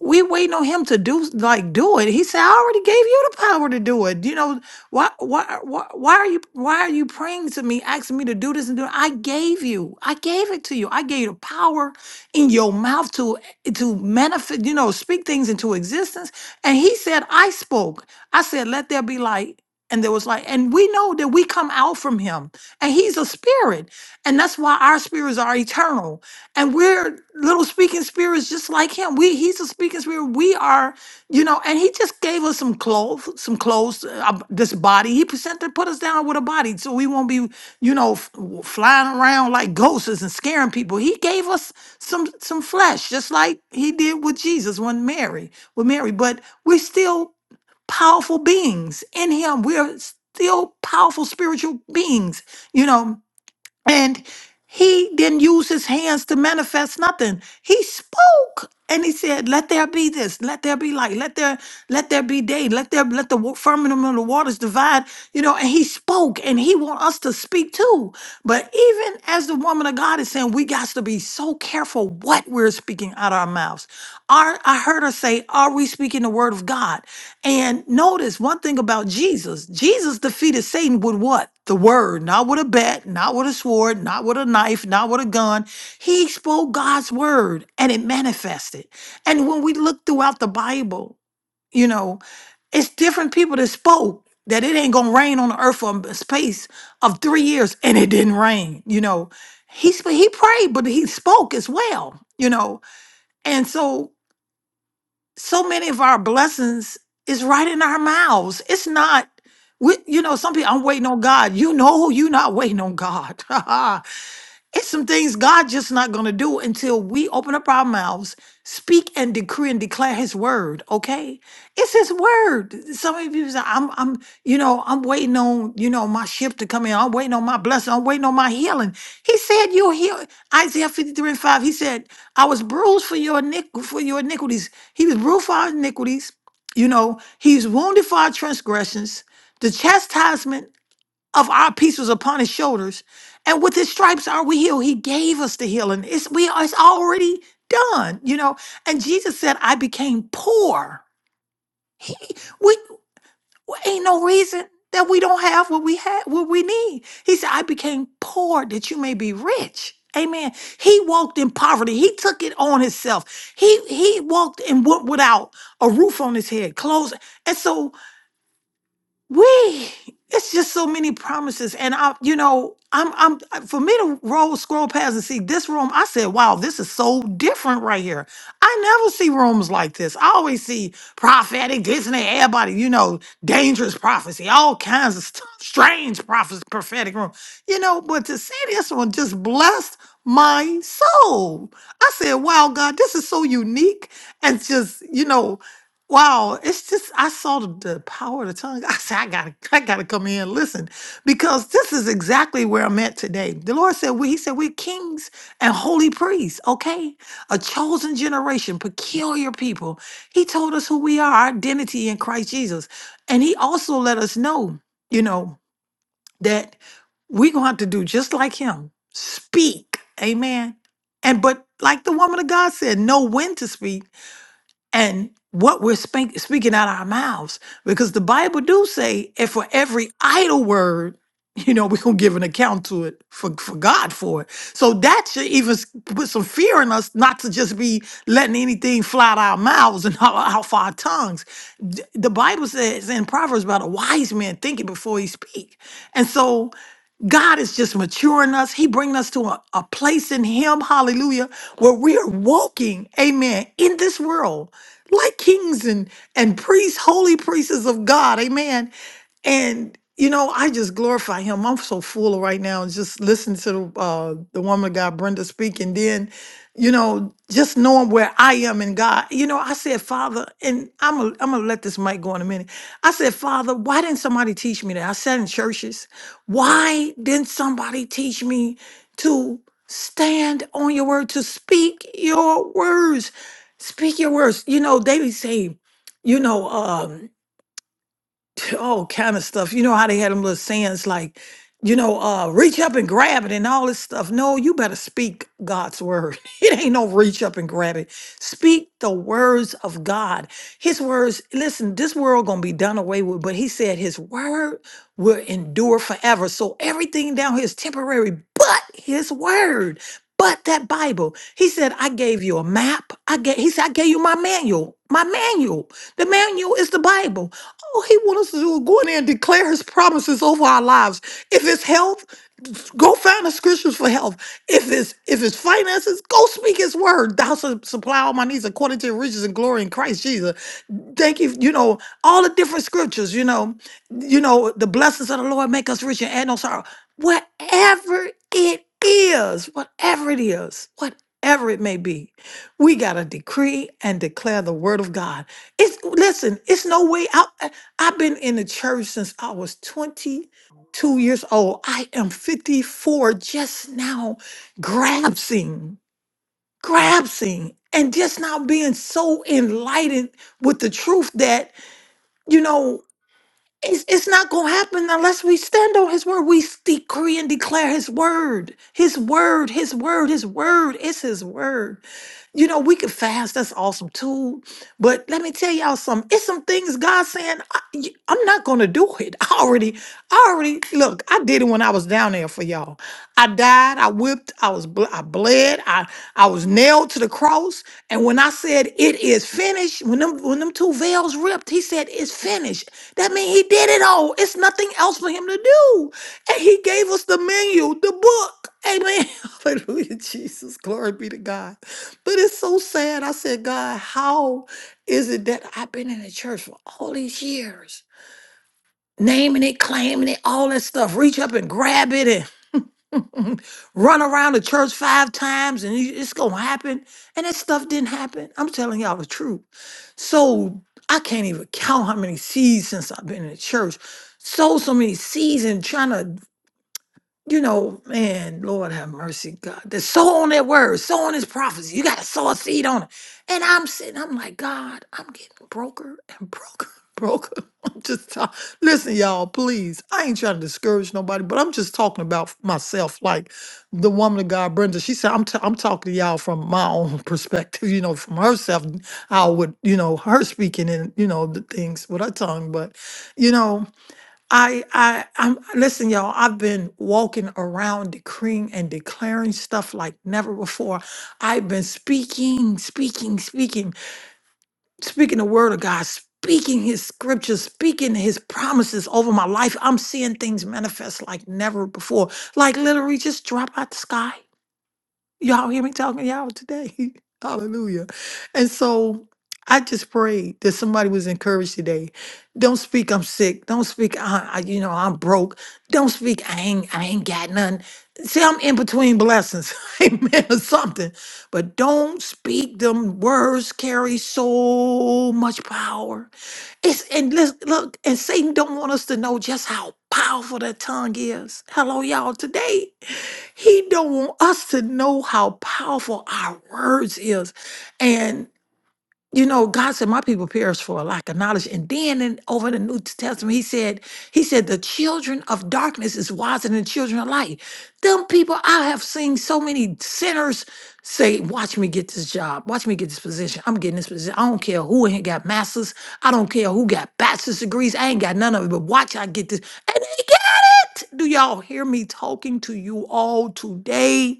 Speaker 2: we waiting on him to do like do it. He said, "I already gave you the power to do it." You know why? Why? Why, why are you? Why are you praying to me, asking me to do this and do? it? I gave you. I gave it to you. I gave you the power in your mouth to to manifest. You know, speak things into existence. And he said, "I spoke. I said, let there be light." And there was light. and we know that we come out from him, and he's a spirit, and that's why our spirits are eternal and we're little speaking spirits just like him we he's a speaking spirit we are you know and he just gave us some clothes some clothes uh, uh, this body he sent to put us down with a body so we won't be you know f- w- flying around like ghosts and scaring people he gave us some some flesh just like he did with jesus when mary with mary but we're still powerful beings in him we're still powerful spiritual beings you know and he didn't use his hands to manifest nothing. He spoke and he said, Let there be this, let there be light, let there, let there be day, let there let the wa- firmament of the waters divide, you know, and he spoke and he want us to speak too. But even as the woman of God is saying, we got to be so careful what we're speaking out our mouths. Are I heard her say, Are we speaking the word of God? And notice one thing about Jesus, Jesus defeated Satan with what? the word, not with a bat, not with a sword, not with a knife, not with a gun. He spoke God's word and it manifested. And when we look throughout the Bible, you know, it's different people that spoke that it ain't gonna rain on the earth for a space of three years and it didn't rain, you know. He sp- he prayed, but he spoke as well, you know. And so so many of our blessings is right in our mouths. It's not, we, you know, some people, I'm waiting on God. You know, you're not waiting on God. *laughs* It's some things God just not gonna do until we open up our mouths, speak and decree and declare His word. Okay, it's His word. Some of you say, "I'm, I'm, you know, I'm waiting on, you know, my shift to come in. I'm waiting on my blessing. I'm waiting on my healing." He said, "You'll heal." Isaiah 53 and 5. He said, "I was bruised for your iniqu- for your iniquities. He was bruised for our iniquities. You know, He's wounded for our transgressions. The chastisement." of our pieces upon his shoulders, and with his stripes are we healed. He gave us the healing. It's we are it's already done, you know. And Jesus said, "I became poor." He we ain't no reason that we don't have what we had, what we need. He said, "I became poor that you may be rich." Amen. He walked in poverty. He took it on himself. He he walked and went without a roof on his head, clothes, and so we it's just so many promises and i you know i'm i'm for me to roll scroll past and see this room i said wow this is so different right here i never see rooms like this i always see prophetic this and that everybody you know dangerous prophecy all kinds of stuff, strange prophecy prophetic room you know but to see this one just blessed my soul i said wow god this is so unique and just you know Wow, it's just I saw the, the power of the tongue. *laughs* I said, I gotta, I gotta come in and listen because this is exactly where I'm at today. The Lord said, we, He said, we're kings and holy priests, okay? A chosen generation, peculiar people. He told us who we are, our identity in Christ Jesus. And He also let us know, you know, that we're gonna have to do just like Him, speak, amen. And but like the woman of God said, know when to speak and what we're spank- speaking out our mouths because the bible do say and for every idle word you know we're going to give an account to it for, for god for it so that should even s- put some fear in us not to just be letting anything fly out our mouths and *laughs* out, off our tongues D- the bible says in proverbs about a wise man thinking before he speak and so God is just maturing us. He bringing us to a, a place in Him, hallelujah, where we are walking, amen, in this world like kings and, and priests, holy priests of God, amen. And you know, I just glorify him. I'm so full right now, just listening to the uh, the woman of God, Brenda, speak, and then, you know, just knowing where I am in God. You know, I said, Father, and I'm gonna I'm gonna let this mic go in a minute. I said, Father, why didn't somebody teach me that? I sat in churches. Why didn't somebody teach me to stand on your word, to speak your words, speak your words? You know, they say, you know. Um, all kind of stuff. You know how they had them little sayings like, you know, uh, reach up and grab it and all this stuff. No, you better speak God's word. *laughs* It ain't no reach up and grab it. Speak the words of God. His words, listen, this world gonna be done away with, but he said his word will endure forever. So everything down here is temporary, but his word, but that Bible. He said, I gave you a map. I gave he said, I gave you my manual. My manual. The manual is the Bible. All he wants us to do is go in there and declare his promises over our lives. If it's health, go find the scriptures for health. If it's if it's finances, go speak his word. Thou shalt supply all my needs according to your riches and glory in Christ Jesus. Thank you. You know, all the different scriptures, you know, you know, the blessings of the Lord make us rich and add no sorrow. Whatever it is, whatever it is, whatever it may be, we gotta decree and declare the word of God. It's listen, it's no way out. I- I've been in the church since I was 20 two years old. I am 54 just now grasping, grasping, and just now being so enlightened with the truth that, you know, it's, it's not going to happen unless we stand on his word. We decree and declare his word, his word, his word, his word. It's his word. You know, we could fast. That's awesome too. But let me tell y'all something. It's some things God saying, I, am not going to do it. *laughs* I already, I already, look, I did it when I was down there for y'all. I died. I whipped. I was, ble- I bled. I, I was nailed to the cross. And when I said it is finished, when them two veils ripped, he said, It's finished. That means he did it all. It's nothing else for him to do. And he gave us the menu, the book. Amen. *laughs* Hallelujah, Jesus. Glory be to God. But it's so sad. I said, God, how is it that I've been in the church for all these years? Naming it, claiming it, all that stuff. Reach up and grab it run around the church five times and you- it's gonna happen. And that stuff didn't happen. I'm telling y'all the truth. So I can't even count how many seasons since I've been in the church. So so many seasons trying to you know, man, Lord have mercy, God. The sow on that word, sow on his prophecy. You gotta sow a seed on it. And I'm sitting, I'm like, God, I'm getting broker and broker, *laughs* broker. I'm just talking. Listen, y'all, please. I ain't trying to discourage nobody, but I'm just talking about myself. Like the woman of God, Brenda, she said, I'm, t- I'm talking to y'all from my own *laughs* perspective, you know, from herself, I would, you know, her speaking and, you know, the things with her tongue. But, you know, I I I'm listen, y'all. I've been walking around decreeing and declaring stuff like never before. I've been speaking, speaking, speaking, speaking the word of God, speaking his scriptures, speaking his promises over my life. I'm seeing things manifest like never before. Like literally just drop out the sky. Y'all hear me talking to y'all today. *laughs* Hallelujah. And so I just prayed that somebody was encouraged today. Don't speak, I'm sick. Don't speak, I, I- you know, I'm broke. Don't speak, I ain't, I ain't got nothing. See, I'm in between blessings, *laughs* amen, or something. But don't speak them words carry so much power. It's and let's look, and Satan don't want us to know just how powerful that tongue is. Hello, y'all. Today, he don't want us to know how powerful our words is. and you know, God said, My people perish for a lack of knowledge. And then in, over in the New Testament, he said, He said, the children of darkness is wiser than the children of light. Them people, I have seen so many sinners say, Watch me get this job, watch me get this position. I'm getting this position. I don't care who ain't got masters, I don't care who got bachelor's degrees. I ain't got none of it, but watch I get this. And they get it. Do y'all hear me talking to you all today?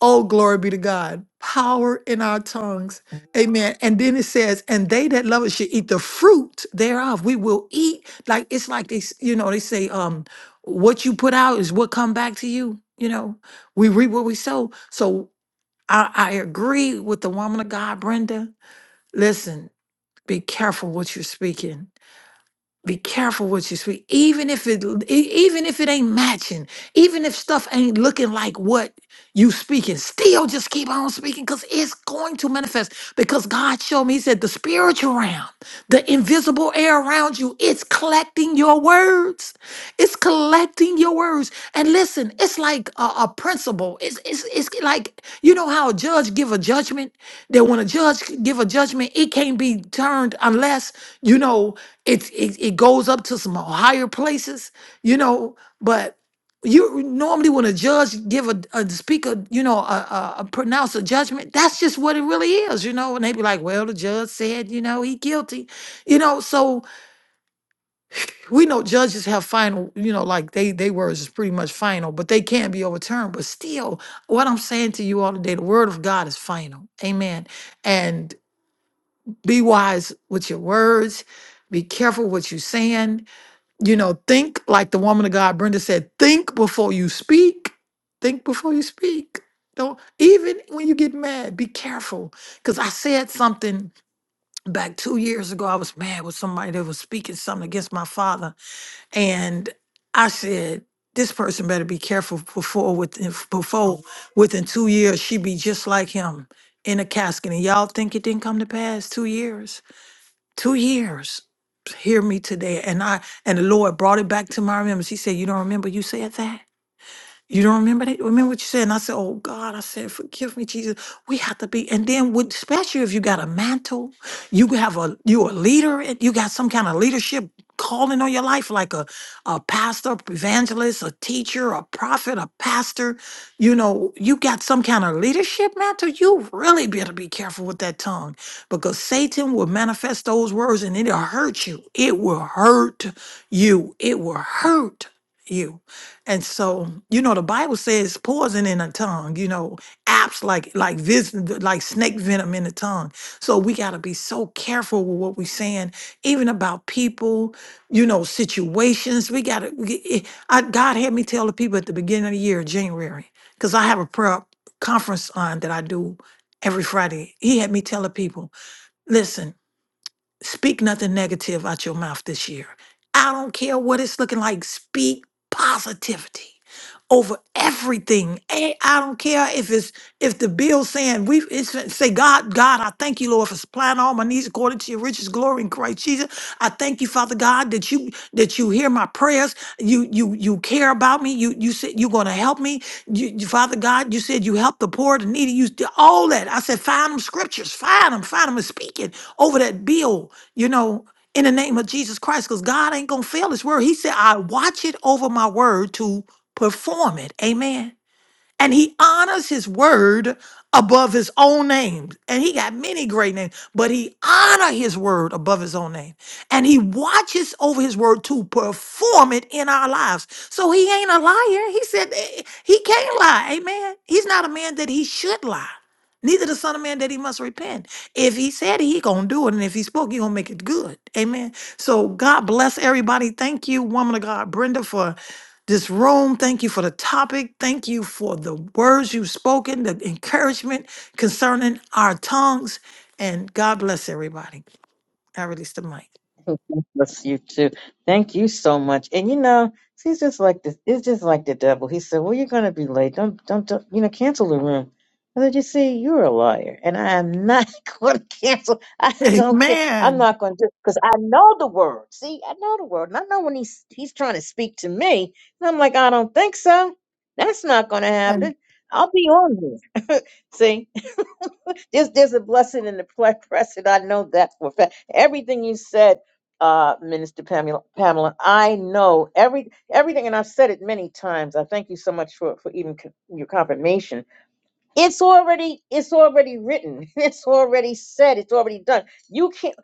Speaker 2: Oh, glory be to God. Power in our tongues. Amen. And then it says, and they that love it should eat the fruit thereof. We will eat. Like it's like they, s- you know, they say, um, what you put out is what come back to you. You know, we reap what we sow. So I, I agree with the woman of God, Brenda. Listen, be careful what you're speaking be careful what you speak, even if it e- even if it ain't matching, even if stuff ain't looking like what you speaking. Still, just keep on speaking because it's going to manifest. Because God showed me, He said, the spiritual realm, the invisible air around you, it's collecting your words. It's collecting your words. And listen, it's like a, a principle. It's, it's it's like you know how a judge give a judgment that when a judge give a judgment, it can't be turned unless you know it, it it goes up to some higher places, you know. But you normally when a judge give a, a speaker, you know, a, a, a pronounce a judgment, that's just what it really is, you know. And they be like, well, the judge said, you know, he guilty, you know. So we know judges have final, you know, like they they words is pretty much final, but they can be overturned. But still, what I'm saying to you all today, the word of God is final, amen. Be wise with your words. Be careful what you're saying. You know, think like the woman of God, Brenda said, think before you speak. Think before you speak. Don't even when you get mad, be careful. Because I said something back two years ago. I was mad with somebody that was speaking something against my father. And I said, this person better be careful before within before within two years she be just like him in a casket. And y'all think it didn't come to pass two years? two years hear me today and i and the lord brought it back to my remembrance he said you don't remember you said that you don't remember that? Remember what you said? And I said, Oh God, I said, forgive me, Jesus. We have to be, and then with especially if you got a mantle, you have a you a leader, and you got some kind of leadership calling on your life, like a, a pastor, evangelist, a teacher, a prophet, a pastor. You know, you got some kind of leadership mantle. You really better be careful with that tongue because Satan will manifest those words and it'll hurt you. It will hurt you. It will hurt you. And so, you know, the Bible says poison in the tongue, you know, apps like like this like snake venom in the tongue. So we gotta be so careful with what we're saying, even about people, you know, situations. We gotta we- it- I, God had me tell the people at the beginning of the year, January, because I have a prayer conference on that I do every Friday. He had me tell the people, listen. Speak nothing negative out your mouth this year. I don't care what it's looking like. Speak positivity over everything. Eh, I don't care if it's if the bill saying we it's, say, God, God, I thank you, Lord, for supplying all my needs according to your riches, glory in Christ Jesus. I thank you, Father God, that you that you hear my prayers. You you you care about me. You you said you're gonna help me. You, you- Father God, you said you help the poor, the needy. You did all that. I said, find them scriptures, find them, find them and speak it over that bill, you know, in the name of Jesus Christ, because God ain't gonna fail his word. He said, I watch it over my word to perform it. Amen and he honors his word above his own name and he got many great names but he honor his word above his own name and he watches over his word to perform it in our lives so he ain't a liar he said eh, he can't lie amen he's not a man that he should lie neither the son of man that he must repent if he said it he gonna do it and if he spoke he gonna make it good amen so god bless everybody thank you woman of god brenda for this room. Thank you for the topic. Thank you for the words you've spoken, the encouragement concerning our tongues. And God bless everybody. I release the mic.
Speaker 1: Bless you too. Thank you so much. And you know, he's just like this. It's just like the devil. He said, "Well, you're gonna be late. Don't don't, don't you know? Cancel the room." I said, "You see, you're a liar, and I am not *laughs* going to cancel. I don't care. I'm
Speaker 2: Amen.
Speaker 1: not going to do it because I know the word. See, I know the word, and I know when he's he's trying to speak to me, and I'm like, I don't think so. That's not going to
Speaker 2: And
Speaker 1: happen. I'll be on here. See." *laughs* there's there's a blessing in the *laughs* ple- present. I know that for a fact. Everything you said, uh, Minister Pamela, Pamela, I know every everything, and I've said it many times. I thank you so much for for even co- your confirmation. It's already it's already written. *laughs* It's already said. It's already done. You can't.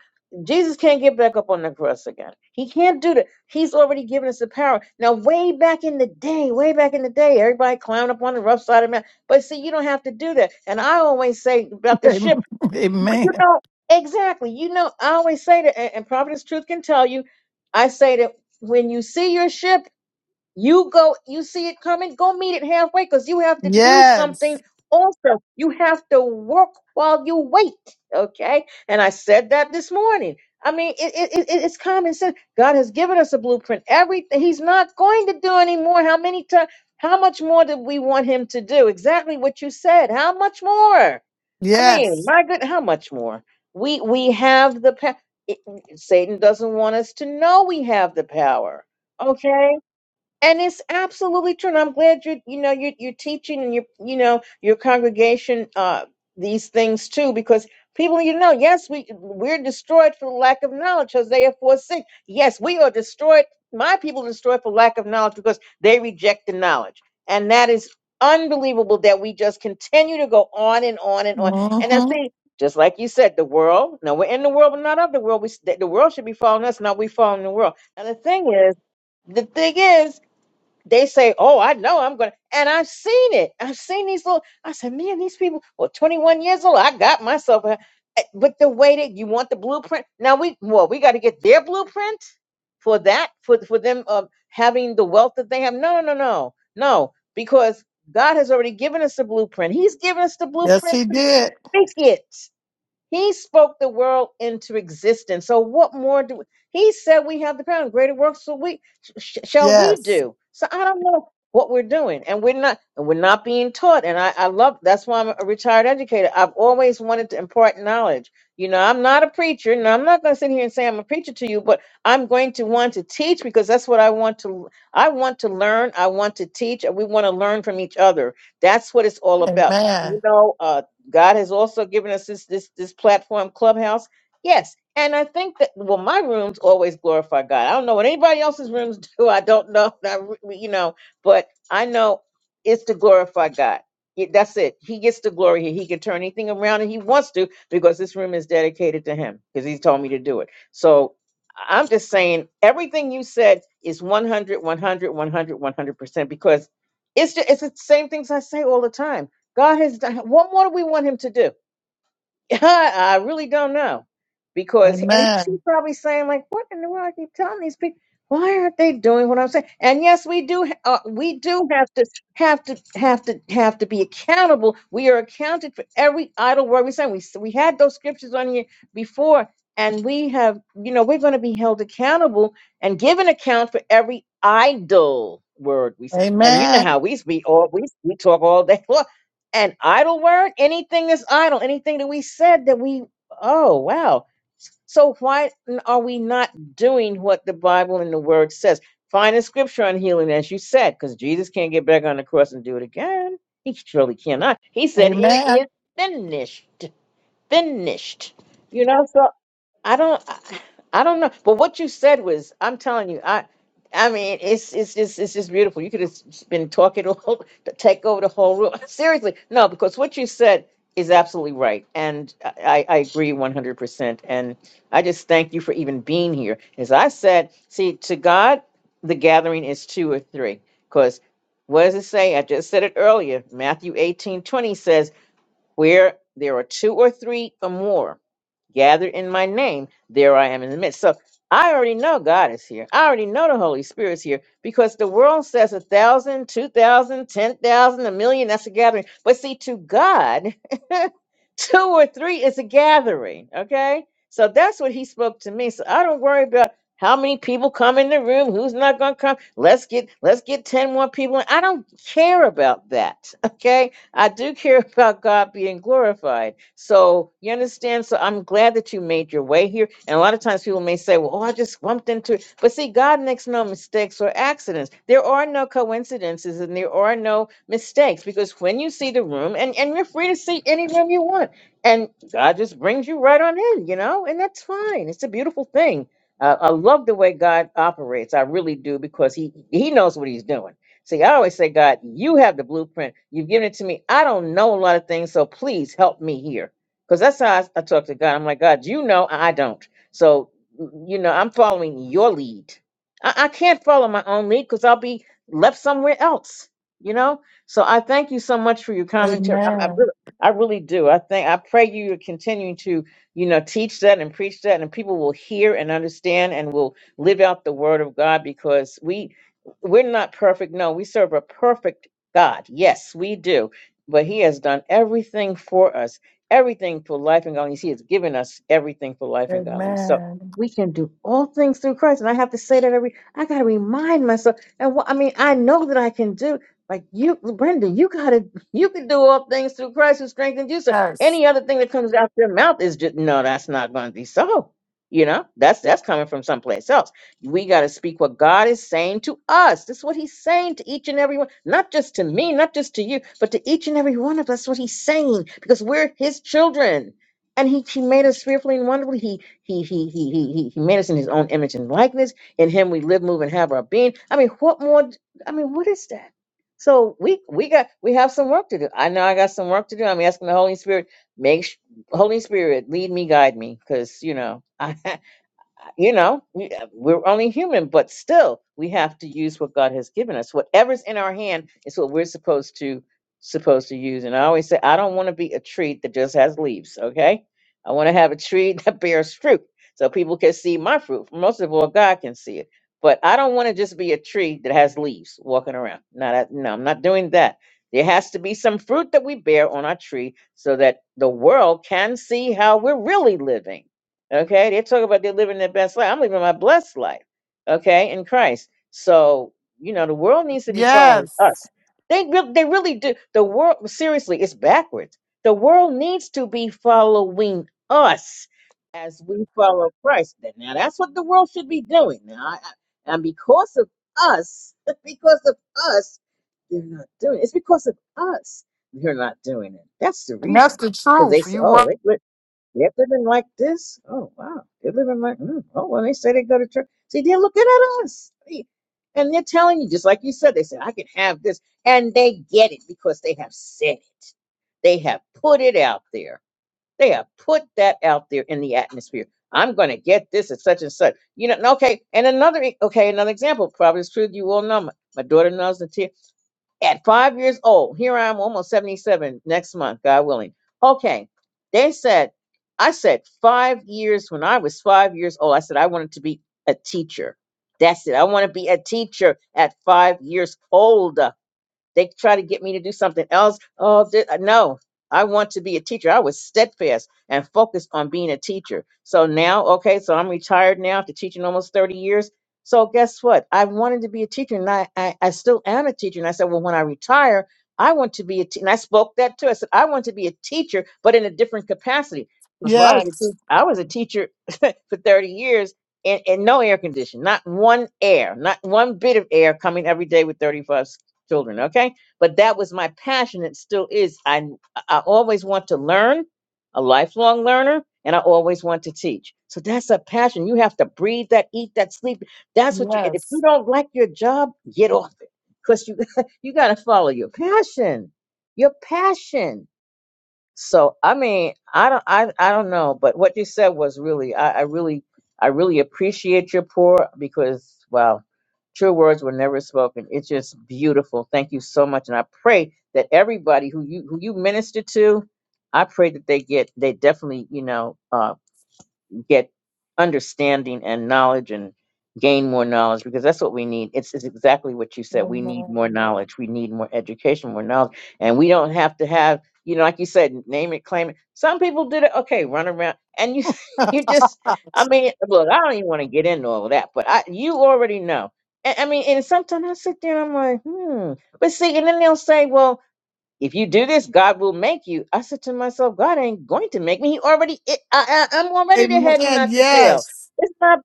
Speaker 1: Jesus can't get back up on the cross again. He can't do that. He's already given us the power. Now, way back in the day, way back in the day, everybody climbed up on the rough side of the mountain. But see, you don't have to do that. And I always say about
Speaker 2: *laughs*
Speaker 1: the ship.
Speaker 2: amen.
Speaker 1: But you
Speaker 2: Amen.
Speaker 1: know, exactly. You know, I always say that, and, and Providence Truth can tell you, I say that when you see your ship, you go, you see it coming, go meet it halfway because you have to do
Speaker 2: Yes.
Speaker 1: something also. You have to work while you wait. Okay. And I said that this morning. I mean, it, it, it, it- it's common sense. God has given us a blueprint. Everything He's not going to do anymore. How many times? How much more did we want Him to do? Exactly what you said. How much more? I mean,
Speaker 2: Yes.
Speaker 1: my good, how much more? We we have the power. Satan doesn't want us to know we have the power. Okay? and it's absolutely true. And I'm glad you're, you know, you're, you're teaching and you, you know, your congregation uh, these things too, because people, you know, yes, we we're destroyed for lack of knowledge. Hosea four six. Yes, we are destroyed. My people are destroyed for lack of knowledge because they reject the knowledge, and that is unbelievable that we just continue to go on and on and on. And I
Speaker 2: hmm
Speaker 1: see, just like you said, the world. No, we're in the world, but not of the world. We s- the the world should be following us, not we following the world. And the thing is. The thing is, they say, "Oh, I know I'm gonna," and I've seen it. I've seen these little. I said, "Man, these people." Well, 21 years old, I got myself. A, Eh, but the way that you want the blueprint now, we well, we got to get their blueprint for that for for them uh, having the wealth that they have. No, no, no, no, no, because God has already given us the blueprint. He's given us the
Speaker 2: Yes.
Speaker 1: blueprint to speak it. He spoke the world into existence. So what more do we, he said we have the power and greater works so we sh- shall we
Speaker 2: Yes.
Speaker 1: do. So I don't know what we're doing and we're not and we're not being taught and I, I love that's why I'm a retired educator. I've always wanted to impart knowledge. You know, I'm not a preacher and I'm not going to sit here and say I'm a preacher to you, but I'm going to want to teach because that's what I want to I want to learn, I want to teach and we want to learn from each other. That's what it's all about. You
Speaker 2: Amen.
Speaker 1: know, uh, God has also given us this this this platform clubhouse. Yes. And I think that well, my rooms always glorify God. I don't know what anybody else's rooms *laughs* do. I don't know. *laughs* I re- you know, but I know it's to glorify God. It- That's it. He gets the glory here. He can turn anything around and he wants to because this room is dedicated to him because he's told me to do it. So I'm just saying everything you said is one hundred, one hundred, one hundred, one hundred percent because it's just, it's the same things I say all the time God has done. What more do we want him to do? *laughs* I really don't know, because and he's he's
Speaker 2: Amen.
Speaker 1: probably saying like, "What in the world are you telling these people? Why aren't they doing what I'm saying?" And yes, we do. ha- Uh, we do have to have to have to have to be accountable. We are accounted for every idle word we say. We s- we had those scriptures on here before, and we have you know we're going to be held accountable and given account for every idle word we say. And you know
Speaker 2: Amen.
Speaker 1: how we be all we we talk all day *laughs* long. An idle word anything that's idle anything that we said that we oh wow so why are we not doing what the bible and the word says find a scripture on healing as you said because jesus can't get back on the cross and do it again he surely cannot he said it
Speaker 2: Amen.
Speaker 1: is finished finished you know so I don't, I, I don't know. But what you said was, I'm telling you, I, I mean, it's it's just it's just beautiful. You could have s- been talking all, *laughs* take over the whole room. *laughs* Seriously, no, because what you said is absolutely right, and I, I I agree 100. percent And I just thank you for even being here. As I said, see, to God, the gathering is two or three. Because what does it say? I just said it earlier. Matthew 18:20 says, "Where there are two or three or more." Gather in my name, there I am in the midst. So I already know God is here. I already know the Holy Spirit's here because the world says a thousand, two thousand, ten thousand, a million, that's a gathering. But see, to God, *laughs* Two or three is a gathering. Okay. So that's what he spoke to me. So I don't worry about how many people come in the room, who's not gonna come. Let's get let's get 10 more people. in. I don't care about that. *laughs* Okay. I do care about God being glorified. So you understand? So I'm glad that you made your way here. And a lot of times people may say, Well, oh, I just bumped into it. But see, God makes no mistakes or accidents. There are no coincidences and there are no mistakes because when you see the room and and you're free to see any room you want and god just brings you right on in you know and that's fine it's a beautiful thing uh, i love the way god operates i really do because he he knows what he's doing see i always say god you have the blueprint you've given it to me i don't know a lot of things so please help me here because that's how I, I talk to god i'm like god you know i don't so you know i'm following your lead i, I can't follow my own lead because i'll be left somewhere else you know so I thank you so much for your commentary. I, I
Speaker 2: Amen.
Speaker 1: really, I really do. I think I pray you are continuing to, you know, teach that and preach that, and people will hear and understand and will live out the word of God because we we're not perfect. No, we serve a perfect God. Yes, we do. But He has done everything for us, everything for life and godliness. He has given us everything for life and godliness. So
Speaker 2: Amen.
Speaker 1: we can do all things through Christ. And I have to say that every I gotta remind myself. And what I mean, I know that I can do. Like you, Brenda, you gotta, you can do all things through Christ who strengthens you. So
Speaker 2: Yes.
Speaker 1: any other thing that comes out your mouth is just no, that's not going to be so. You know, that's that's coming from someplace else. We got to speak what God is saying to us. This is what He's saying to each and every one, not just to me, not just to you, but to each and every one of us. What He's saying, because we're His children, and He He made us fearfully and wonderfully. He He He He He He He made us in His own image and likeness. In Him we live, move, and have our being. I mean, what more? d- I mean, what is that? So we we got we have some work to do. I know I got some work to do. I'm asking the Holy Spirit, make sh- Holy Spirit lead me, guide me, because you know *laughs* I you know we- uh, we're only human but still we have to use what god has given us whatever's in our hand is what we're supposed to supposed to use and i always say i don't want to be a tree that just has leaves okay i want to have a tree *laughs* that bears fruit so people can see my fruit most of all god can see it but i don't want to just be a tree that has leaves walking around no that, no i'm not doing that there has to be some fruit that we bear on our tree so that the world can see how we're really living Okay, they talk about they're living their best life. I'm living my blessed life. Okay, in Christ. So you know the world needs to be following
Speaker 2: Yes.
Speaker 1: us. They really, they really do. The world seriously, it's backwards. The world needs to be following us as we follow Christ. Now that's what the world should be doing. Now I, I- and because of us, *laughs* because of us, they're not doing it. It's because of us they're not doing it. That's the reason. Because they say, oh, they're living like this. Oh wow, they're living like mm, oh well. They say they go to church. See, they're looking at us, See? and they're telling you just like you said. They said I can have this, and they get it because they have said it. They have put it out there. They have put that out there in the atmosphere. I'm going to get this at such and such. You know, and okay. And another e- okay, another example. Probably is true. You all know my, my daughter knows the tea at five years old. Here I am, almost 77 next month, God willing. Okay. They said, I said, five years when I was five years old, I said, I wanted to be a teacher. That's it. I want to be a teacher at five years old. They try to get me to do something else. Oh, thi- no, I want to be a teacher. I was steadfast and focused on being a teacher. So now, okay, so I'm retired now after teaching almost 30 years. So guess what? I wanted to be a teacher and I, I, I still am a teacher. And I said, well, when I retire, I want to be a teacher. And I spoke that too. I said, I want to be a teacher, but in a different capacity. Because well, I was a
Speaker 2: Yes.
Speaker 1: teacher, I was a teacher *laughs* for 30 years and, and no air condition, not one air, not one bit of air coming every day with 35 children okay but that was my passion it still is i i always want to learn a lifelong learner and i always want to teach so that's a passion you have to breathe that eat that sleep that's what you and if you
Speaker 2: Yes.
Speaker 1: don't like your job get off it because you *laughs* you got to follow your passion your passion so I mean, I don't, I, I don't know, but what you said was really, I, I really, I really appreciate your pour because wow, true words were never spoken. It's just beautiful. Thank you so much, and I pray that everybody who you who you minister to, I pray that they get, they definitely, you know, uh, get understanding and knowledge and gain more knowledge because that's what we need. It's, it's exactly what you said. We need more knowledge. We need more education, more knowledge. And we don't have to have, you know, like you said, name it, claim it. Some people did it. Okay, run around. And you *laughs* you just, I mean, look, I don't even want to get into all of that, but I you already know. And, I mean, and sometimes I sit there and I'm like, hmm. But see, and then they'll say, well, if you do this, God will make you. I said to myself, God ain't going to make me. He already, I, I, I'm already the head and
Speaker 2: Amen.
Speaker 1: not the tail.
Speaker 2: Yes.
Speaker 1: It's not,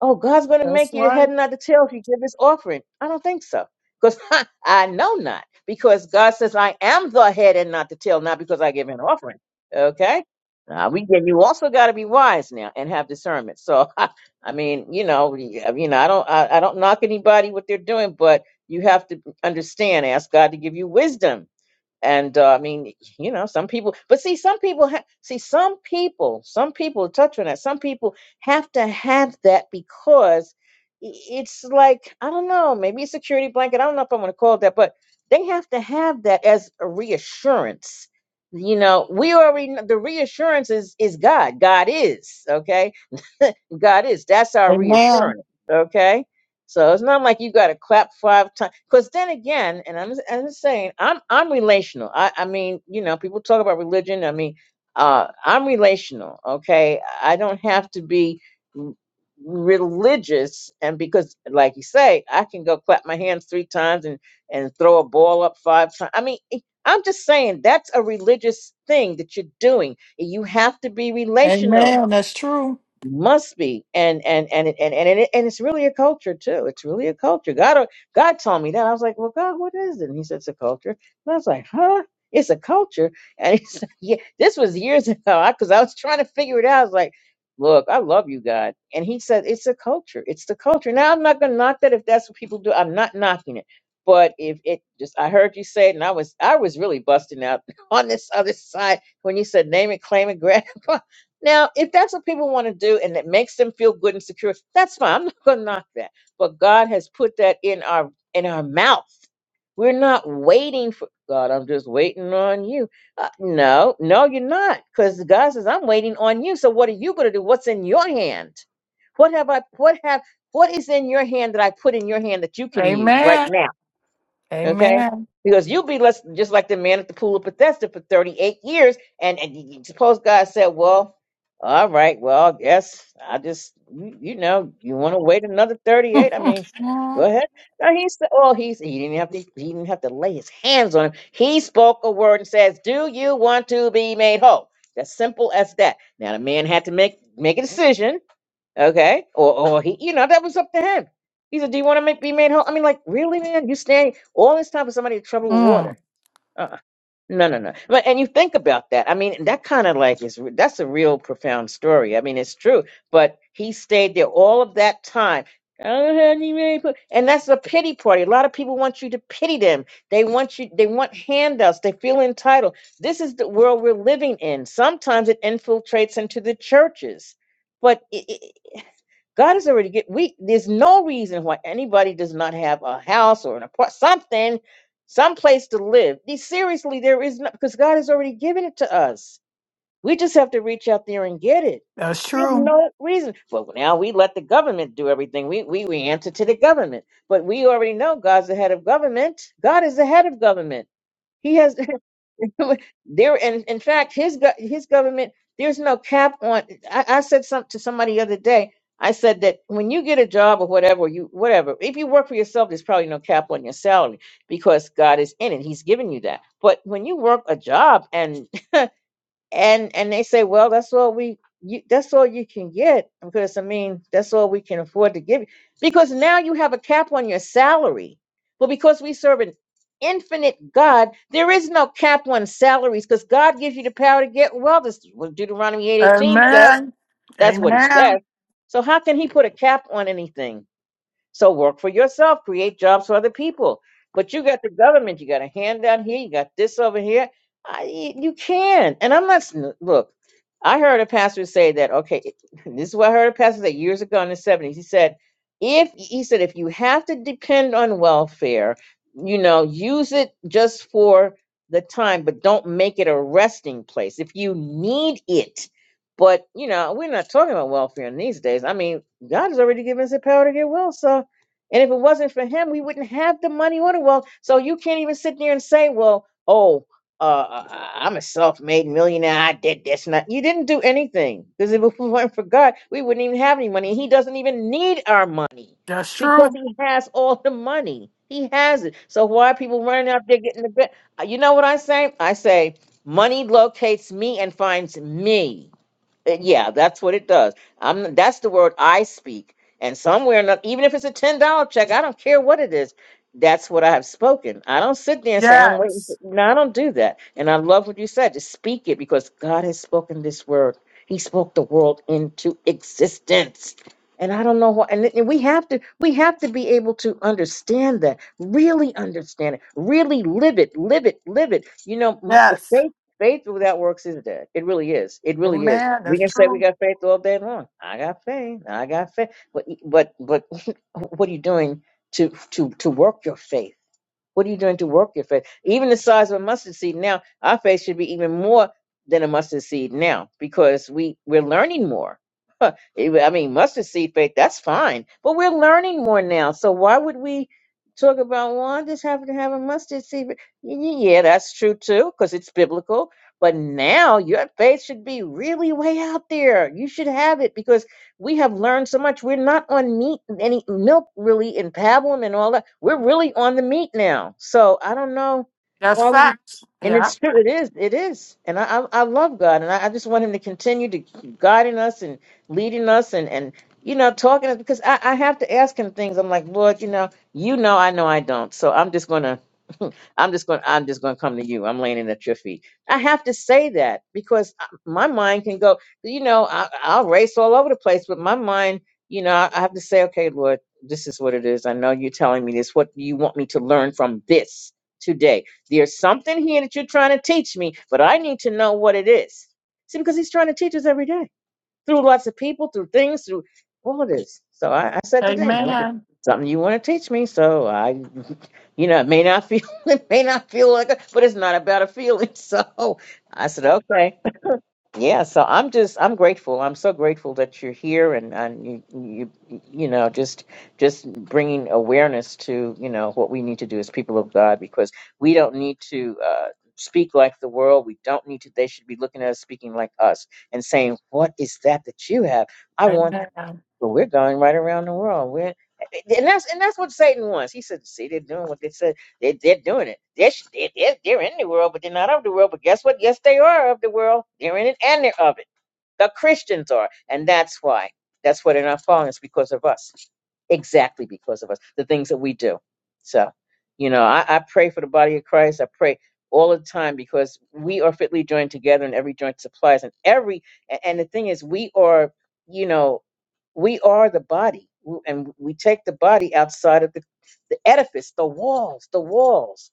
Speaker 1: oh, God's going to
Speaker 2: That's
Speaker 1: make you the head
Speaker 2: right.
Speaker 1: and not the tail if you give this offering. I don't think so. Because *laughs* I know not. Because God says, I am the head and not the tail, not because I give an offering. Okay? Now, we and you also got to be wise now and have discernment. So, *laughs* I mean, you know, y- you know, I don't, I, I don't knock anybody what they're doing, but you have to understand, ask God to give you wisdom and uh, I mean, you know, some people, but see, some people ha- see some people, some people touch on that. Some people have to have that because i- it's like I don't know, maybe a security blanket. I don't know if I want to call it that, but they have to have that as a reassurance. You know, we already know the reassurance is is God. God is okay. *laughs* God is. That's our
Speaker 2: Amen.
Speaker 1: reassurance. Okay so it's not like you got to clap five times. Because then again, and I'm, I'm just saying, I'm I'm relational. I I mean, you know, people talk about religion. I mean, uh, I'm relational. Okay, I don't have to be r- religious, and because, like you say, I can go clap my hands three times and and throw a ball up five times. I mean. it- I'm just saying that's a religious thing that you're doing. You have to be relational
Speaker 2: Amen. That's true.
Speaker 1: must be and and and and and and, it, and it's really a culture too it's really a culture god god told me that i was like well god what is it and he said it's a culture and i was like huh it's a culture and he *laughs* said yeah this was years *laughs* ago because I, 'cause I was trying to figure it out i was like look i love you god and he said it's a culture it's the culture now i'm not gonna knock that if that's what people do i'm not knocking it but if it just i heard you say it and i was i was really busting out *laughs* on this other side when you said name it claim it grab it. *laughs* Now, if that's what people want to do and it makes them feel good and secure, that's fine. *laughs* I'm not going to knock that. But God has put that in our in our mouth. We're not waiting for God. I'm just waiting on you. Uh, no, no, you're not, because God says I'm waiting on you. So what are you going to do? What's in your hand? What have I? What have? What is in your hand that I put in your hand that you can use right
Speaker 2: Amen.
Speaker 1: now? Okay?
Speaker 2: Amen.
Speaker 1: Because you'll be less, just like the man at the pool of Bethesda for 38 years. And, and you- suppose God said, well, all right, well, I guess I just, you, you know, you want to wait another 38? I mean, go
Speaker 2: *laughs*
Speaker 1: ahead. No, he said, oh, he's, he didn't have to, he didn't have to lay his hands on him. He spoke a word and says, do you want to be made whole? That's simple as that. Now, the man had to make, make a decision Okay. Or, or he, you know, that was up to him. He said, Do you want to make, be made whole? I mean, like, really, man? You staying all this time for somebody in trouble with
Speaker 2: Mm.
Speaker 1: water? uh No, no, no. But, and you think about that. I mean, that kind of like is, that's a real profound story. I mean, it's true. But he stayed there all of that time. I don't have any money for-" And that's a pity party. A lot of people want you to pity them. They want you, they want handouts. They feel entitled. This is the world we're living in. Sometimes it infiltrates into the churches but it, God is already get we there's no reason why anybody does not have a house or an apartment something, some place to live. The- Seriously, there is not because God has already given it to us. We just have to reach out there and get it.
Speaker 2: That's
Speaker 1: There's
Speaker 2: true.
Speaker 1: no reason. Well, now we let the government do everything. We, we we answer to the government. But we already know God's the head of government. God is the head of government. He has *laughs* *laughs* there and in fact his go- his government there's no cap on I, I said something to somebody the other day i said that when you get a job or whatever you whatever if you work for yourself there's probably no cap on your salary because god is in it he's giving you that but when you work a job and and and they say, well, that's all we you, that's all you can get because I mean that's all we can afford to give you because now you have a cap on your salary. Well, because we serve an infinite God, there is no cap on salaries because God gives you the power to get well. This is what Deuteronomy eight eighteen says.
Speaker 2: Amen.
Speaker 1: That's what He
Speaker 2: Amen.
Speaker 1: says. So how can He put a cap on anything? So work for yourself, create jobs for other people. But you got the government, you got a hand down here, you got this over here. I, y- you can. And I'm not, s- look, I heard a pastor say that, okay, *laughs* this is what I heard a pastor say years ago in the 70s. He said, if he said, if you have to depend on welfare, you know, use it just for the time, but don't make it a resting place. If you need it, but you know, we're not talking about welfare in these days. I mean, God has already given us the power to get well, so and if it wasn't for him, we wouldn't have the money or the wealth. So you can't even sit there and say, well, oh, uh, I- am a self made millionaire. I did this. And that. You didn't do anything because if it *laughs* weren't for God, we wouldn't even have any money. And He doesn't even need our money
Speaker 2: That's
Speaker 1: because
Speaker 2: true.
Speaker 1: He has all the money. He has it. So why are people running out there getting the bit? Uh, You know what I say? I say, money locates me and finds me. Uh, Yeah, that's what it does. I'm that's the word I speak. And somewhere, not, even if it's a ten dollar check, I don't care what it is. That's what I have spoken. I don't sit there and say I'm waiting. For,
Speaker 2: Yes.
Speaker 1: no, I don't do that. And I love what you said. Just speak it because God has spoken this word. He spoke the world into existence. And I don't know what. And, and we have to. We have to be able to understand that. Really understand it. Really live it. Live it. Live it. You know, m- the
Speaker 2: Yes.
Speaker 1: faith faith without works is dead. It really is. It really is
Speaker 2: Amen.
Speaker 1: we
Speaker 2: That's
Speaker 1: can say we
Speaker 2: true.
Speaker 1: got faith all day long. I got faith. I got faith. But e, but but *laughs* what are you doing to to to work your faith? What are you doing to work your faith? Even the size of a mustard seed now, our faith should be even more than a mustard seed now because we, we're learning more. *laughs* I mean, mustard seed faith, that's fine, but we're learning more now. So why would we talk about, well, I just happen to have a mustard seed? faith." Y- y- Yeah, that's true too because it's biblical. But now your faith should be really way out there. You should have it because we have learned so much. We're not on meat, any milk really, in pablum and all that. We're really on the meat now. So I don't know
Speaker 2: That's
Speaker 1: why we.
Speaker 2: facts.
Speaker 1: And
Speaker 2: Yeah.
Speaker 1: it's true. It is. It is. And I, I, I love God, and I, I just want Him to continue to keep guiding us and leading us, and and you know, talking to us because I, I have to ask Him things. I'm like, Lord, you know, you know, I know I don't. So I'm just gonna. *laughs* I'm just going. to I'm just going to come to you. I'm laying it at your feet. I have to say that because I- my mind can go you know, I, I'll race all over the place, but my mind, you know, I, I have to say, okay, Lord, this is what it is. I know you're telling me this. What do you want me to learn from this today? There's something here that you're trying to teach me, but I need to know what it is. See, because he's trying to teach us every day through lots of people, through things, through all of this. So I, I said today, Lord, it's
Speaker 2: Amen.
Speaker 1: something you want to teach me. So I, *laughs* you know, it may not feel, *laughs* it may not feel like, it, but it's not about a feeling. *laughs* So I said, okay. Yeah, so I'm just I'm grateful. I'm so grateful that you're here and and you you you know just just bringing awareness to you know what we need to do as people of God because we don't need to uh, speak like the world. We don't need to. They should be looking at us speaking like us and saying, "What is that that you have? I want." that."
Speaker 2: Amen.
Speaker 1: But we're going right around the world. We're and that's and that's what Satan wants. He said, "See, they're doing what they said. They they're doing it. They're, sh- they they're they're in the world, but they're not of the world. But guess what? Yes, they are of the world. They're in it and they're of it. The Christians are, and that's why. That's why they're not following us because of us. Exactly because of us. The things that we do. So, you know, I, I pray for the body of Christ. I pray all the time because we are fitly joined together, and every joint supplies, and every and and the thing is, we are. You know, we are the body, w- and we take the body outside of the, the edifice, the walls, the walls.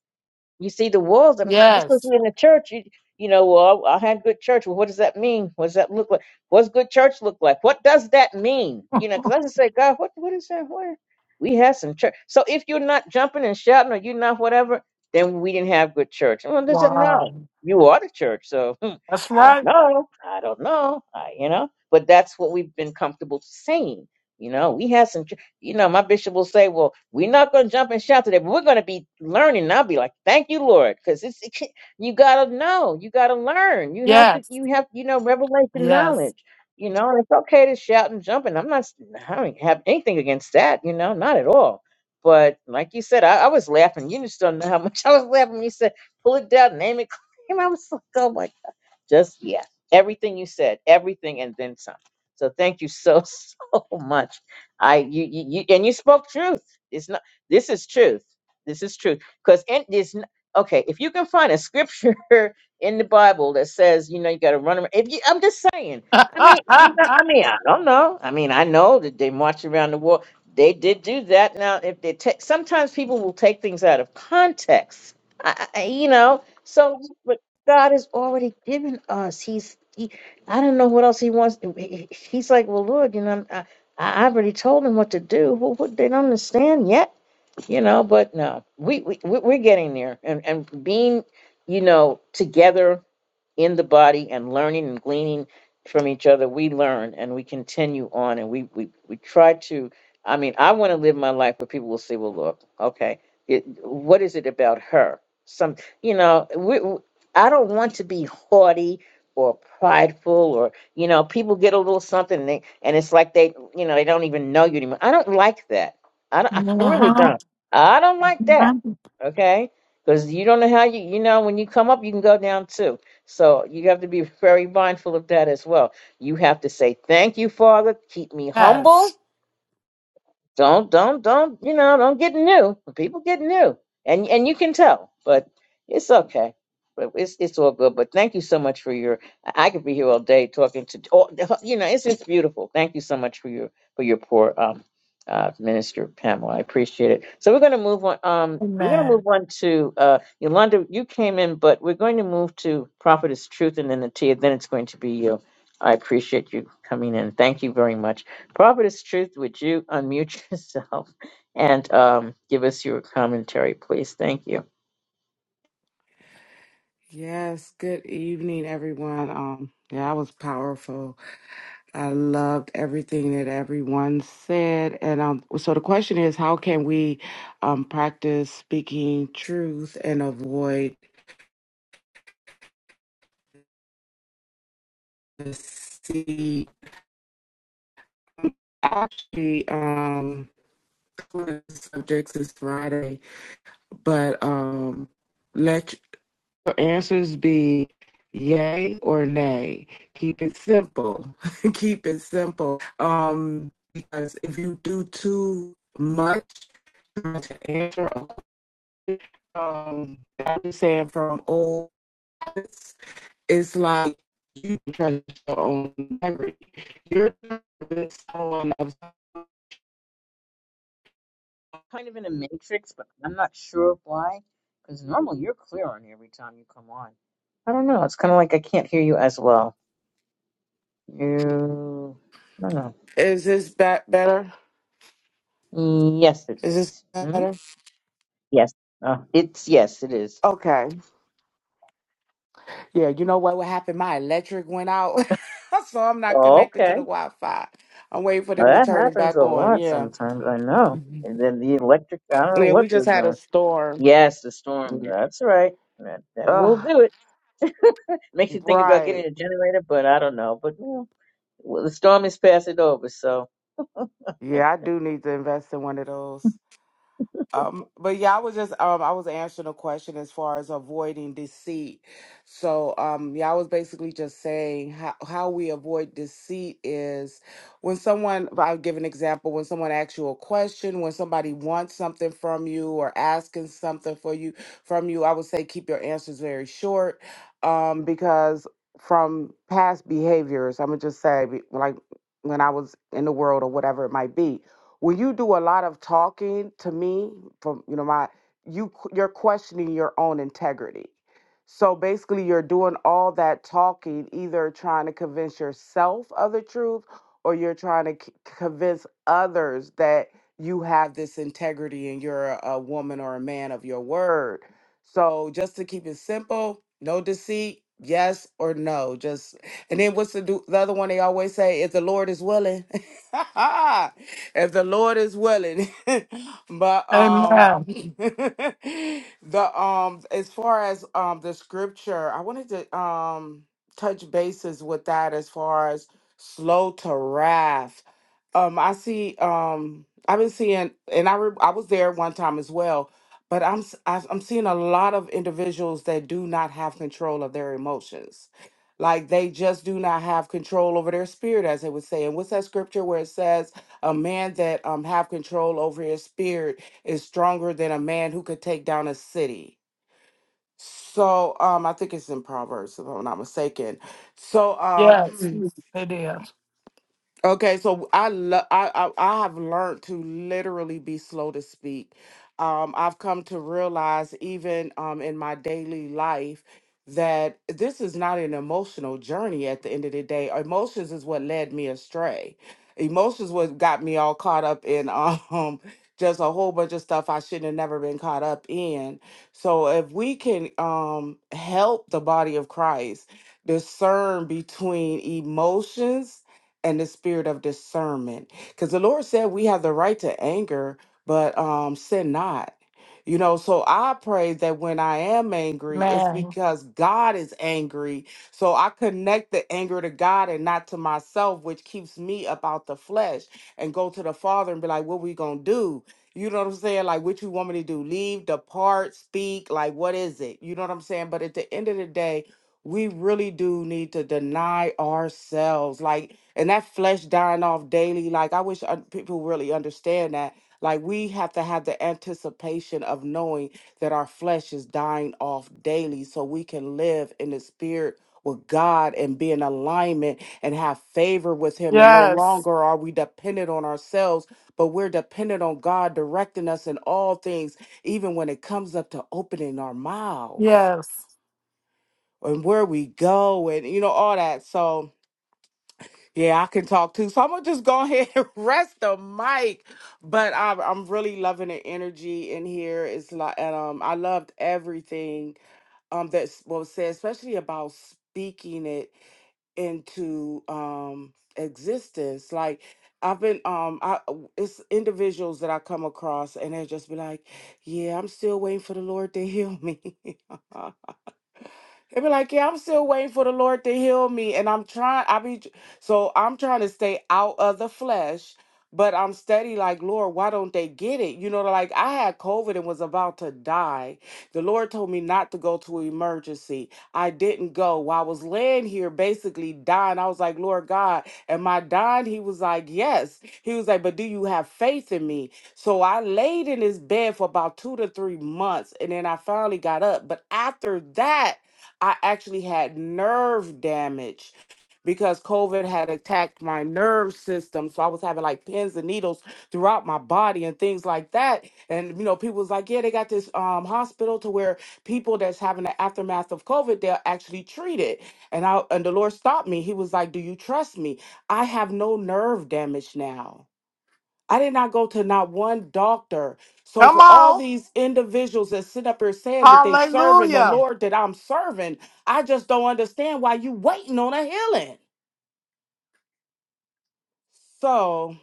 Speaker 1: You see the walls. I mean, just because
Speaker 2: Yes.
Speaker 1: you're in the church, you you know, well, I had good church. Well, what does that mean? What does that look like? What's good church look like? What does that mean? You know, because I just say, God, what what is that? What we have some church. So if you're not jumping and shouting, or you're not whatever, then we didn't have good church. Well, does it no?
Speaker 2: Wow.
Speaker 1: You are the church, so hmm,
Speaker 2: That's
Speaker 1: I don't
Speaker 2: right.
Speaker 1: know. I don't know. I, you know, but that's what we've been comfortable saying. You know, we had some you know, my bishop will say, "Well, we're not going to jump and shout today, but we're going to be learning." And I'll be like, "Thank you, Lord," because it's *laughs* you got to know, you got to learn, you have to,
Speaker 2: Yes.
Speaker 1: you have, you know, revelation
Speaker 2: Yes.
Speaker 1: knowledge.
Speaker 2: *laughs*
Speaker 1: You know, and it's okay to shout and jump, and I'm not, I don't have anything against that. You know, not at all. But like you said, I, I was laughing. You just don't know how much *laughs* I was laughing when you said, "Pull it down, name it." *laughs* claim I was like, "Oh my God!" Just yeah, everything you said, everything, and then some. So thank you so *laughs* so much I you, you, you and you spoke truth. It's not this is truth. This is truth. Because in this okay, if you can find a scripture *laughs* in the Bible that says, you know, you gotta run around if you I'm just saying. I mean, you know, I mean, I don't know. I mean, I know that they march around the world. They did do that. Now, if they take, sometimes people will take things out of context. I, I, I- you know, so but God has already given us. He's, he, I don't know what else he wants. He- he- He's like, well, Lord, you know, I, I already told them what to do. Well, what they don't understand yet, you know. But no, we we we- we're getting there, and and being, you know, together in the body and learning and gleaning from each other we learn and we continue on and we we, we try to i mean i want to live my life where people will say well look okay it, what is it about her some you know we, we- i don't want to be haughty or prideful or you know people get a little something and, they, and it's like they you know they don't even know you anymore i don't like that i, don't, *laughs* I really
Speaker 2: Mhm.
Speaker 1: don't i don't like that
Speaker 2: Mhm.
Speaker 1: okay because you don't know how you you know when you come up you can go down too so you have to be very mindful of that as well. You have to say, Thank you, Father. Keep me humble
Speaker 2: Yes.
Speaker 1: don't don't don't you know don't get new people get new and and you can tell but it's okay but it's it's all good but thank you so much for your i I could be here all day talking to all, *laughs* you know it's just beautiful thank you so much for your for your poor um uh minister pamela i appreciate it so we're going to move on um we're going to
Speaker 2: Amen.
Speaker 1: move on to uh yolanda you came in but we're going to move to prophetess truth and then the tia then it's going to be you i appreciate you coming in thank you very much Prophetess Truth, would you unmute *laughs* yourself and um, give us your commentary, please? Thank you.
Speaker 3: Yes, good evening, everyone. Um, yeah, I was powerful. I loved everything that everyone said. And um, so the question is, how can we um, practice speaking truth and avoid deceit? Actually, um, one of the subjects is Friday, but um, let Your answers be yay or nay. Keep it simple. *laughs* Keep it simple. Um, because if you do too much to answer a question, um, I'm just saying from old habits, it's like you trust your own memory. You're someone else.
Speaker 1: Kind of in a matrix, but I'm not sure why. Because normally you're clear on every time you come on. I don't know. It's kind of like I can't hear you as well. You, I don't
Speaker 3: Is this be- better?
Speaker 1: know. Yes, it
Speaker 3: Is this
Speaker 1: is. Hmm?
Speaker 3: better?
Speaker 1: Yes. Uh, it's yes, it is.
Speaker 3: Okay. Yeah, you know what, what happened? My electric went out, *laughs* so I'm not
Speaker 1: Oh,
Speaker 3: connected to
Speaker 1: okay.
Speaker 3: the Wi-Fi. I'm waiting for
Speaker 1: Well,
Speaker 3: them to
Speaker 1: that
Speaker 3: turn it
Speaker 1: happens a
Speaker 3: back on.
Speaker 1: lot
Speaker 3: Yeah,
Speaker 1: sometimes. I know.
Speaker 3: Mhm.
Speaker 1: And then the electric. I don't know
Speaker 3: yeah,
Speaker 1: what
Speaker 3: we
Speaker 1: they're
Speaker 3: just had a
Speaker 1: doing.
Speaker 3: storm.
Speaker 1: Yes, the storm. That's right. That that will
Speaker 3: Ugh,
Speaker 1: do it. Makes you think about
Speaker 3: right.
Speaker 1: getting a generator, but I don't know. But well, well, the storm has passed it over, so
Speaker 3: Yeah, I do need to invest in one of those. Um, but yeah, I was just um I was answering a question as far as avoiding deceit. So um yeah, I was basically just saying how how we avoid deceit is when someone I'll give an example, when someone asks you a question, when somebody wants something from you or asking something for you from you, I would say keep your answers very short. Um, because from past behaviors, I'm gonna just say be- like when I was in the world or whatever it might be when you do a lot of talking to me from you know my you q- you're questioning your own integrity so basically you're doing all that talking either trying to convince yourself of the truth or you're trying to c- convince others that you have this integrity and you're a, a woman or a man of your word so just to keep it simple no deceit yes or no just and then what's the, do, the other one they always say if the lord is willing *laughs* if the Lord is willing. *laughs* but um
Speaker 2: Amen.
Speaker 3: *laughs* the um as far as um the scripture, I wanted to um touch bases with that as far as slow to wrath. Um I see um I've been seeing and I re- I was there one time as well, but I'm s- I- I'm seeing a lot of individuals that do not have control of their emotions. Like they just do not have control over their spirit as they would say. And what's that scripture where it says a man that um have control over his spirit is stronger than a man who could take down a city. So um I think it's in Proverbs if I'm not mistaken. So um
Speaker 2: Yes,
Speaker 3: *clears throat*
Speaker 2: it is.
Speaker 3: Okay, so I love I, I I have learned to literally be slow to speak. Um, I've come to realize even um in my daily life that this is not an emotional journey at the end of the day. Emotions is what led me astray. Emotions what got me all caught up in um *laughs* just a whole bunch of stuff I shouldn't have never been caught up in. So if we can um help the body of Christ discern between emotions and the spirit of discernment. Because the Lord said we have the right to anger, but um, sin not. You know, so I pray that when I am angry, it's
Speaker 2: Man.
Speaker 3: because God is angry. So I connect the anger to God and not to myself, which keeps me about the flesh and go to the Father and be like, what we going to do? You know what I'm saying? Like, what you want me to do? Leave, depart, speak? Like, what is it? You know what I'm saying? But at the end of the day, we really do need to deny ourselves like and that flesh dying off daily like i wish uh, people really understand that like we have to have the anticipation of knowing that our flesh is dying off daily so we can live in the spirit with God and be in alignment and have favor with Him. And no
Speaker 2: Yes.
Speaker 3: longer are we dependent on ourselves, but we're dependent on God directing us in all things, even when it comes up to opening our mouths
Speaker 2: Yes.
Speaker 3: and where we go and you know all that so yeah i can talk too so i'm gonna just go ahead *laughs* and rest the mic but i'm, I'm really loving the energy in here it's like and um i loved everything um that s- was said especially about speaking it into um existence like I've been um I w- it's individuals that I come across and they just be like, "Yeah, I'm still waiting for the Lord to heal me." *laughs* They be like, yeah, I'm still waiting for the Lord to heal me, and I'm trying. I be so I'm trying to stay out of the flesh, but I'm steady. Like, Lord, why don't they get it? You know, like I had COVID and was about to die. The Lord told me not to go to emergency. I didn't go. While I was laying here, basically dying, I was like, Lord God, am I dying? He was like, yes. He was like, but do you have faith in me? So I laid in this bed for about two to three months, and then I finally got up. But after that. I actually had nerve damage because COVID had attacked my nerve system. So I was having like pins and needles throughout my body and things like that. And, you know, people was like, yeah, they got this um, hospital to where people that's having the aftermath of COVID, they'll actually treat it. And I, and the Lord stopped me. He was like, do you trust me? I have no nerve damage now. I did not go to not one doctor. So
Speaker 2: Come
Speaker 3: for all
Speaker 2: on.
Speaker 3: these individuals that sit up here saying that they serving the
Speaker 2: Hallelujah.
Speaker 3: Lord that I'm serving, I just don't understand why you waiting on a healing. So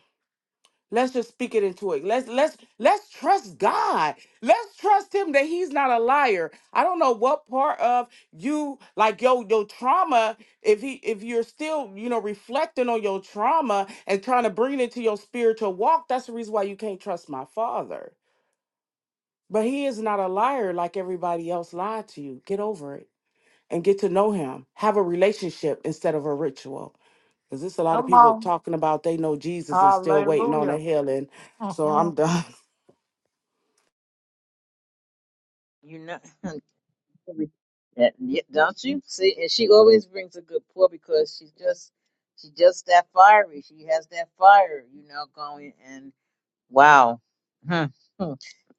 Speaker 3: let's just speak it into it. Let's let's let's trust God. Let's trust Him that He's not a liar. I don't know what part of you like your your trauma. If he if you're still you know reflecting on your trauma and trying to bring it to your spiritual walk, that's the reason why you can't trust my Father But he is not a liar like everybody else lied to you. Get over it and get to know him. Have a relationship instead of a ritual. Because there's a lot of
Speaker 2: Come
Speaker 3: people
Speaker 2: on.
Speaker 3: talking about they know Jesus and still waiting on a
Speaker 2: Hallelujah.
Speaker 3: healing. So
Speaker 2: hmm
Speaker 3: I'm done.
Speaker 1: you know. *laughs* Yeah, yeah, don't you see? And she always brings a good pour because she's just she's just that fiery. She has that fire, you know, going. And wow, Hmm. Hmm.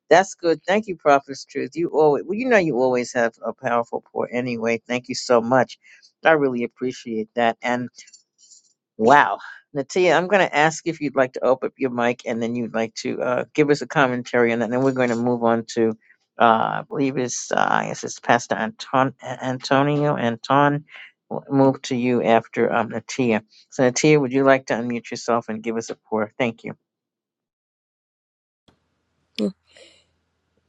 Speaker 1: that's good. Thank you, Prophet's Truth. You always, well, you know, you always have a powerful pour anyway. Thank you so much. I really appreciate that. And Wow. Natia, I'm going to ask if you'd like to open up your mic and then you'd like to uh, give us a commentary on that. And then we're going to move on to, uh, I believe it's, uh, I guess it's Pastor Anton, Antonio. Anton, we'll move to you after um, Natia. So, Natia, would you like to unmute yourself and give us a pour? Thank you.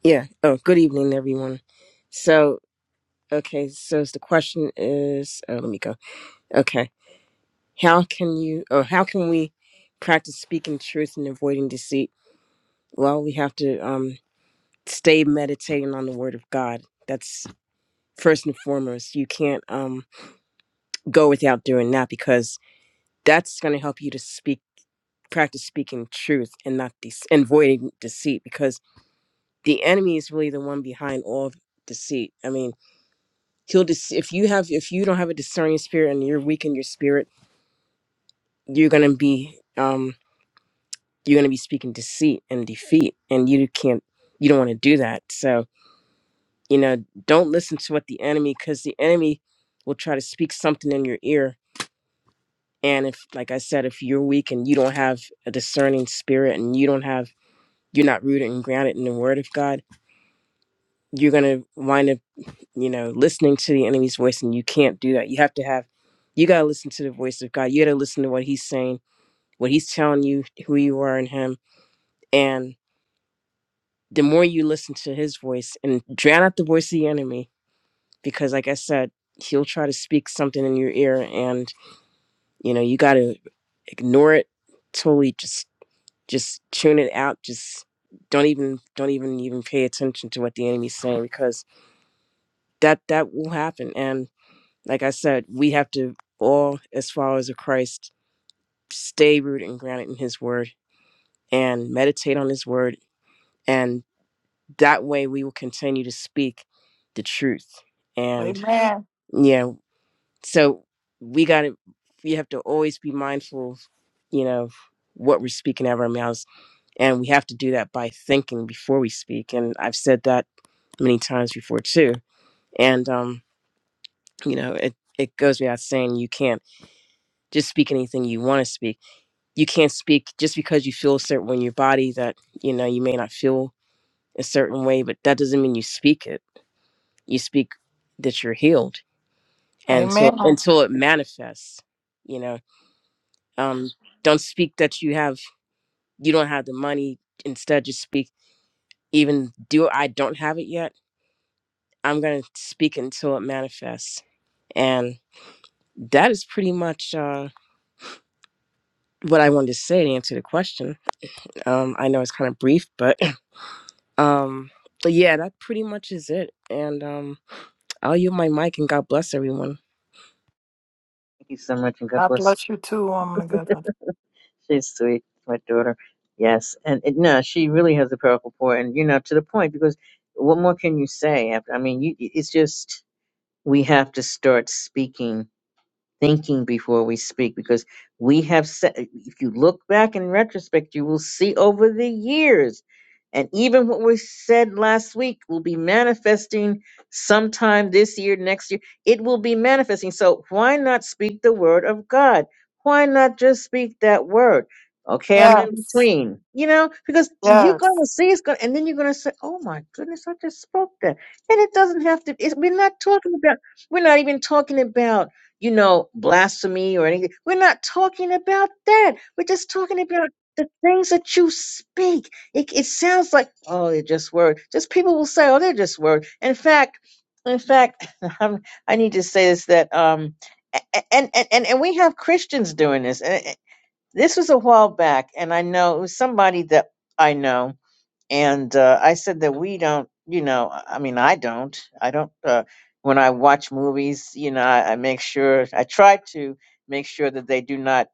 Speaker 4: Yeah. Oh, good evening, everyone. So, okay. So the question is, oh, let me go. Okay. How can you, or how can we practice speaking truth and avoiding deceit? Well, we have to um, stay meditating on the word of God. That's first and foremost. You can't um, go without doing that because that's going to help you to speak, practice speaking truth and not de- and avoiding deceit because the enemy is really the one behind all deceit. I mean, he'll dis- if you have if you don't have a discerning spirit and you're weak in your spirit you're gonna be um you're gonna be speaking deceit and defeat and you can't you don't want to do that so you know don't listen to what the enemy because the enemy will try to speak something in your ear and if like i said if you're weak and you don't have a discerning spirit and you don't have you're not rooted and grounded in the word of god you're gonna wind up you know, listening to the enemy's voice, and you can't do that. You have to have, you got to listen to the voice of God. You got to listen to what He's saying, what He's telling you, who you are in Him. And the more you listen to His voice and drown out the voice of the enemy, because like I said, he'll try to speak something in your ear, and you know, you got to ignore it totally. Just, just tune it out. Just don't even, don't even, even pay attention to what the enemy's saying because that that will happen. And like I said, we have to all, as followers of Christ, stay rooted and grounded in His Word and meditate on His Word. And that way we will continue to speak the truth. And
Speaker 2: Amen.
Speaker 4: yeah, so we got to, we have to always be mindful, you know, of what we're speaking out of our mouths. And we have to do that by thinking before we speak. And I've said that many times before too. And, um, you know, it, it goes without saying you can't just speak anything you want to speak you can't speak just because you feel a certain way in your body that you know you may not feel a certain way but that doesn't mean you speak it you speak that you're healed and so
Speaker 2: Amen.
Speaker 4: until it manifests you know um don't speak that you have you don't have the money instead just speak even do i don't have it yet i'm gonna speak until it manifests and that is pretty much uh what i wanted to say to answer the question um i know it's kind of brief but *laughs* Um, but yeah, that pretty much is it. And um, I'll yield my mic and God bless everyone.
Speaker 1: Thank you so much. And God
Speaker 2: God
Speaker 1: bless.
Speaker 2: bless you too, woman of God.
Speaker 1: She's sweet, my daughter. Yes. And it, no, she really has a powerful pour. And, you know, to the point, because what more can you say? I I mean, you, it's just. we have to start speaking thinking before we speak because we have said if you look back in retrospect you will see over the years and even what we said last week will be manifesting sometime this year next year it will be manifesting so why not speak the word of god why not just speak that word okay i'm in
Speaker 2: Yes.
Speaker 1: between you know because you're
Speaker 2: Yes.
Speaker 1: going to see it's going and then you're going to say oh my goodness i just spoke that and it doesn't have to it's, we're not talking about we're not even talking about you know, blasphemy or anything. We're not talking about that. We're just talking about the things that you speak. It, it sounds like, oh, they're just word. Just people will say, oh, they're just word. In fact, in fact, *laughs* I'm, I need to say this that, um, a- a- and, and, and, and we have Christians doing this. And it- this was a while back, and I know it was somebody that I know and uh, I said that we don't, you know, I I mean, I don't, I don't. Uh, when I watch movies, you know, I, I make sure I try to make sure that they do not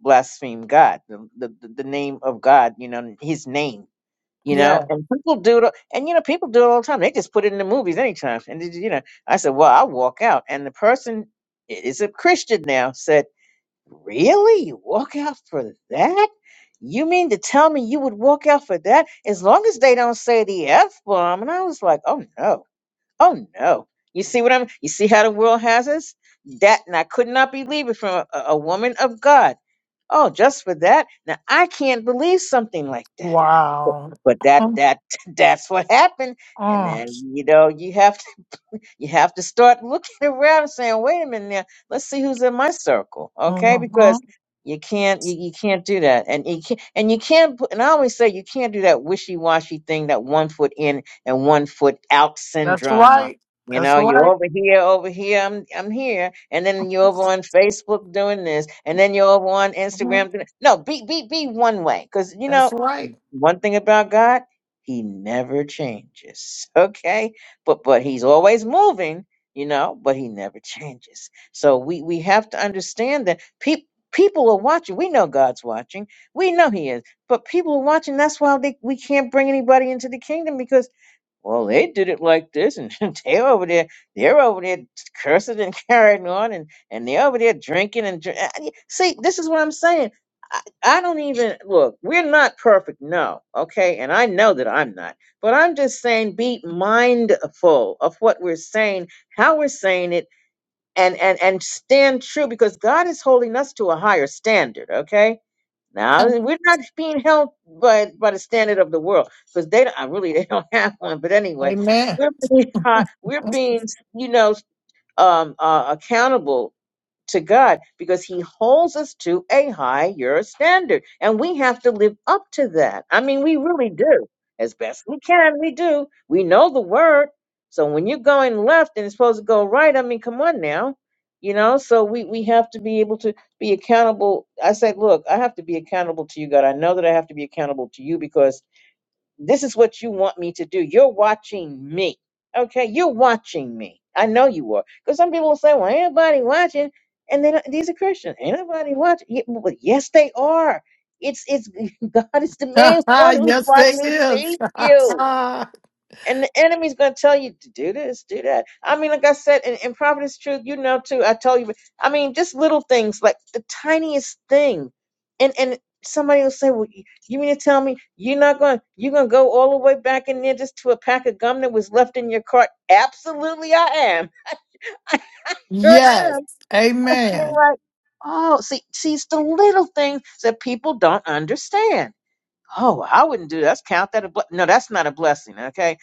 Speaker 1: blaspheme God, the, the the the name of God, you know, His name, you know.
Speaker 2: Yes.
Speaker 1: And people do it, all- and you know, people do it all the time. They just put it in the movies anytime, and it- you you know, I said, well, I'll walk out, and the person i- is a Christian now. Said. Really? You walk out for that? You mean to tell me you would walk out for that as long as they don't say the F bomb? And I was like, oh no, oh no. You see what I'm, you see how the world has us? That, and I could not believe it from a, a woman of God. Oh, just for that? Now I can't believe something like that. But
Speaker 2: Wow.
Speaker 1: but that, that, *laughs* that's what happened. And
Speaker 2: Mm-hmm.
Speaker 1: then, you know, you have you have to start looking *laughs* around and saying, wait a minute now, let's see who's in my circle. Okay. Because
Speaker 2: Mm-hmm.
Speaker 1: you can't you, you can't do that. And you can't and you can't put and I always say you can't do that wishy washy thing, that one foot in and one foot out
Speaker 2: That's
Speaker 1: syndrome.
Speaker 2: right.
Speaker 1: You
Speaker 2: That's
Speaker 1: know, you're
Speaker 2: right.
Speaker 1: over here, over here, I'm I'm here, and then you're over on Facebook doing this, and then you're over on
Speaker 2: Mhm.
Speaker 1: Instagram doing no, be be be one way. Cause you
Speaker 2: That's
Speaker 1: know,
Speaker 2: right.
Speaker 1: one thing about God, he never changes. *laughs* Okay? But but he's always moving, you know, but he never changes. So we we have to understand that people people are watching. We know God's watching. We know he is. But people are watching. That's why they, we can't bring anybody into the kingdom because well, they did it like this, and *laughs* they are over there, they're over there cursing and *laughs* carrying on, and and they're over there drinking and drink. See, this is what I'm saying. I, I don't even look. We're not perfect, no, okay, and I know that I'm not. But I'm just saying, be mindful of what we're saying, how we're saying it, and and and stand true because God is holding us to a higher standard, okay now we're not being held by by the standard of the world because they don't, I really *laughs* they don't have one. But anyway,
Speaker 2: Amen.
Speaker 1: we're being, *laughs* uh, we're being you know um, uh, accountable to God because He holds us to a higher standard. And we have to live up to that. I mean, we really do. As best we can, we do. We know the word. So when you're going left and it's supposed to go right, I mean, come on now. You know, so we, we have to be able to be accountable. I say, look, I have to be accountable to you, God. I know that I have to be accountable to you because this is what you want me to do. You're watching me. Okay, you're watching me. I know you are. Because some people will say, well, ain't nobody watching. And then these are Christians. Ain't nobody watching. Ye- Well, yes, they are. It's it's *laughs* God is the
Speaker 2: *laughs*
Speaker 1: main one who's
Speaker 2: yes, they
Speaker 1: watching, who
Speaker 2: is.
Speaker 1: sees you.
Speaker 2: *laughs*
Speaker 1: And the enemy's going to tell you to do this, do that. I mean, like I said, in, in Providence Truth, you know too. I tell you. I mean, just little things like the tiniest thing, and and somebody will say, "Well, you you mean to tell me you're not going? to You're going to go all the way back in there just to a pack of gum that was left in your cart?" Absolutely, I am. Sure am.
Speaker 2: yes.
Speaker 1: *laughs* they're
Speaker 2: Amen.
Speaker 1: like, "Oh, see, see, it's the little things that people don't understand." Oh, I wouldn't do that. Let's count that a ble- no, that's not a blessing. Okay.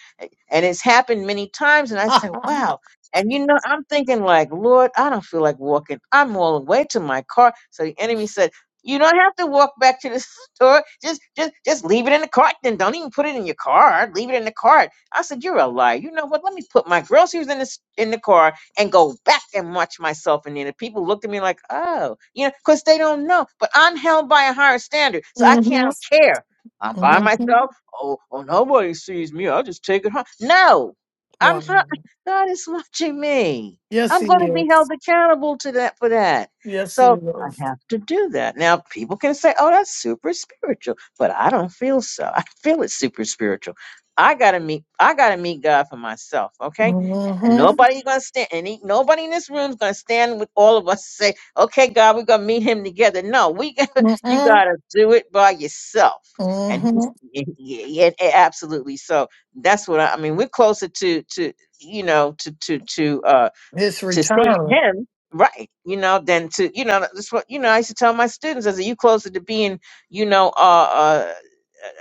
Speaker 1: And it's happened many times. And I said, wow. And you know, I'm thinking like, Lord, I don't feel like walking. I'm all the way to my car. So the enemy said, you don't have to walk back to the *laughs* store. Just, just, just leave it in the cart. Then don't even put it in your car. Leave it in the cart. I said, you're a liar. You know what? Let me put my groceries in this in the car and go back and watch myself in there. The people looked at me like, oh, you know, because they don't know. But I'm held by a higher standard, so I
Speaker 2: Mm-hmm.
Speaker 1: can't care. I'm by
Speaker 2: Mm-hmm.
Speaker 1: myself. Oh, oh nobody sees me. I'll just take it home. No, I'm
Speaker 2: Wow.
Speaker 1: not. God is watching me.
Speaker 2: Yes,
Speaker 1: I'm
Speaker 2: he
Speaker 1: going to be
Speaker 2: is.
Speaker 1: held accountable to that for that.
Speaker 2: Yes, he
Speaker 1: So I
Speaker 2: is.
Speaker 1: have to do that. Now people can say, "Oh, that's super spiritual," but I don't feel so. I feel it's super spiritual. I gotta meet. I gotta meet God for myself. Okay, and, and
Speaker 2: Mm-hmm.
Speaker 1: nobody gonna stand. Any nobody in this room's gonna stand with all of us and say, "Okay, God, we're gonna meet Him together." No, we. *laughs* Gotta, you
Speaker 2: Mm-hmm.
Speaker 1: gotta do it by yourself and
Speaker 2: Mm-hmm.
Speaker 1: he's y- yeah, absolutely so that's what I, I mean we're closer to to you know to to to uh
Speaker 2: It's
Speaker 1: to seeing
Speaker 2: return.
Speaker 1: him right you know than to you know that's what you know i used to tell my students i said you closer to being you know uh, uh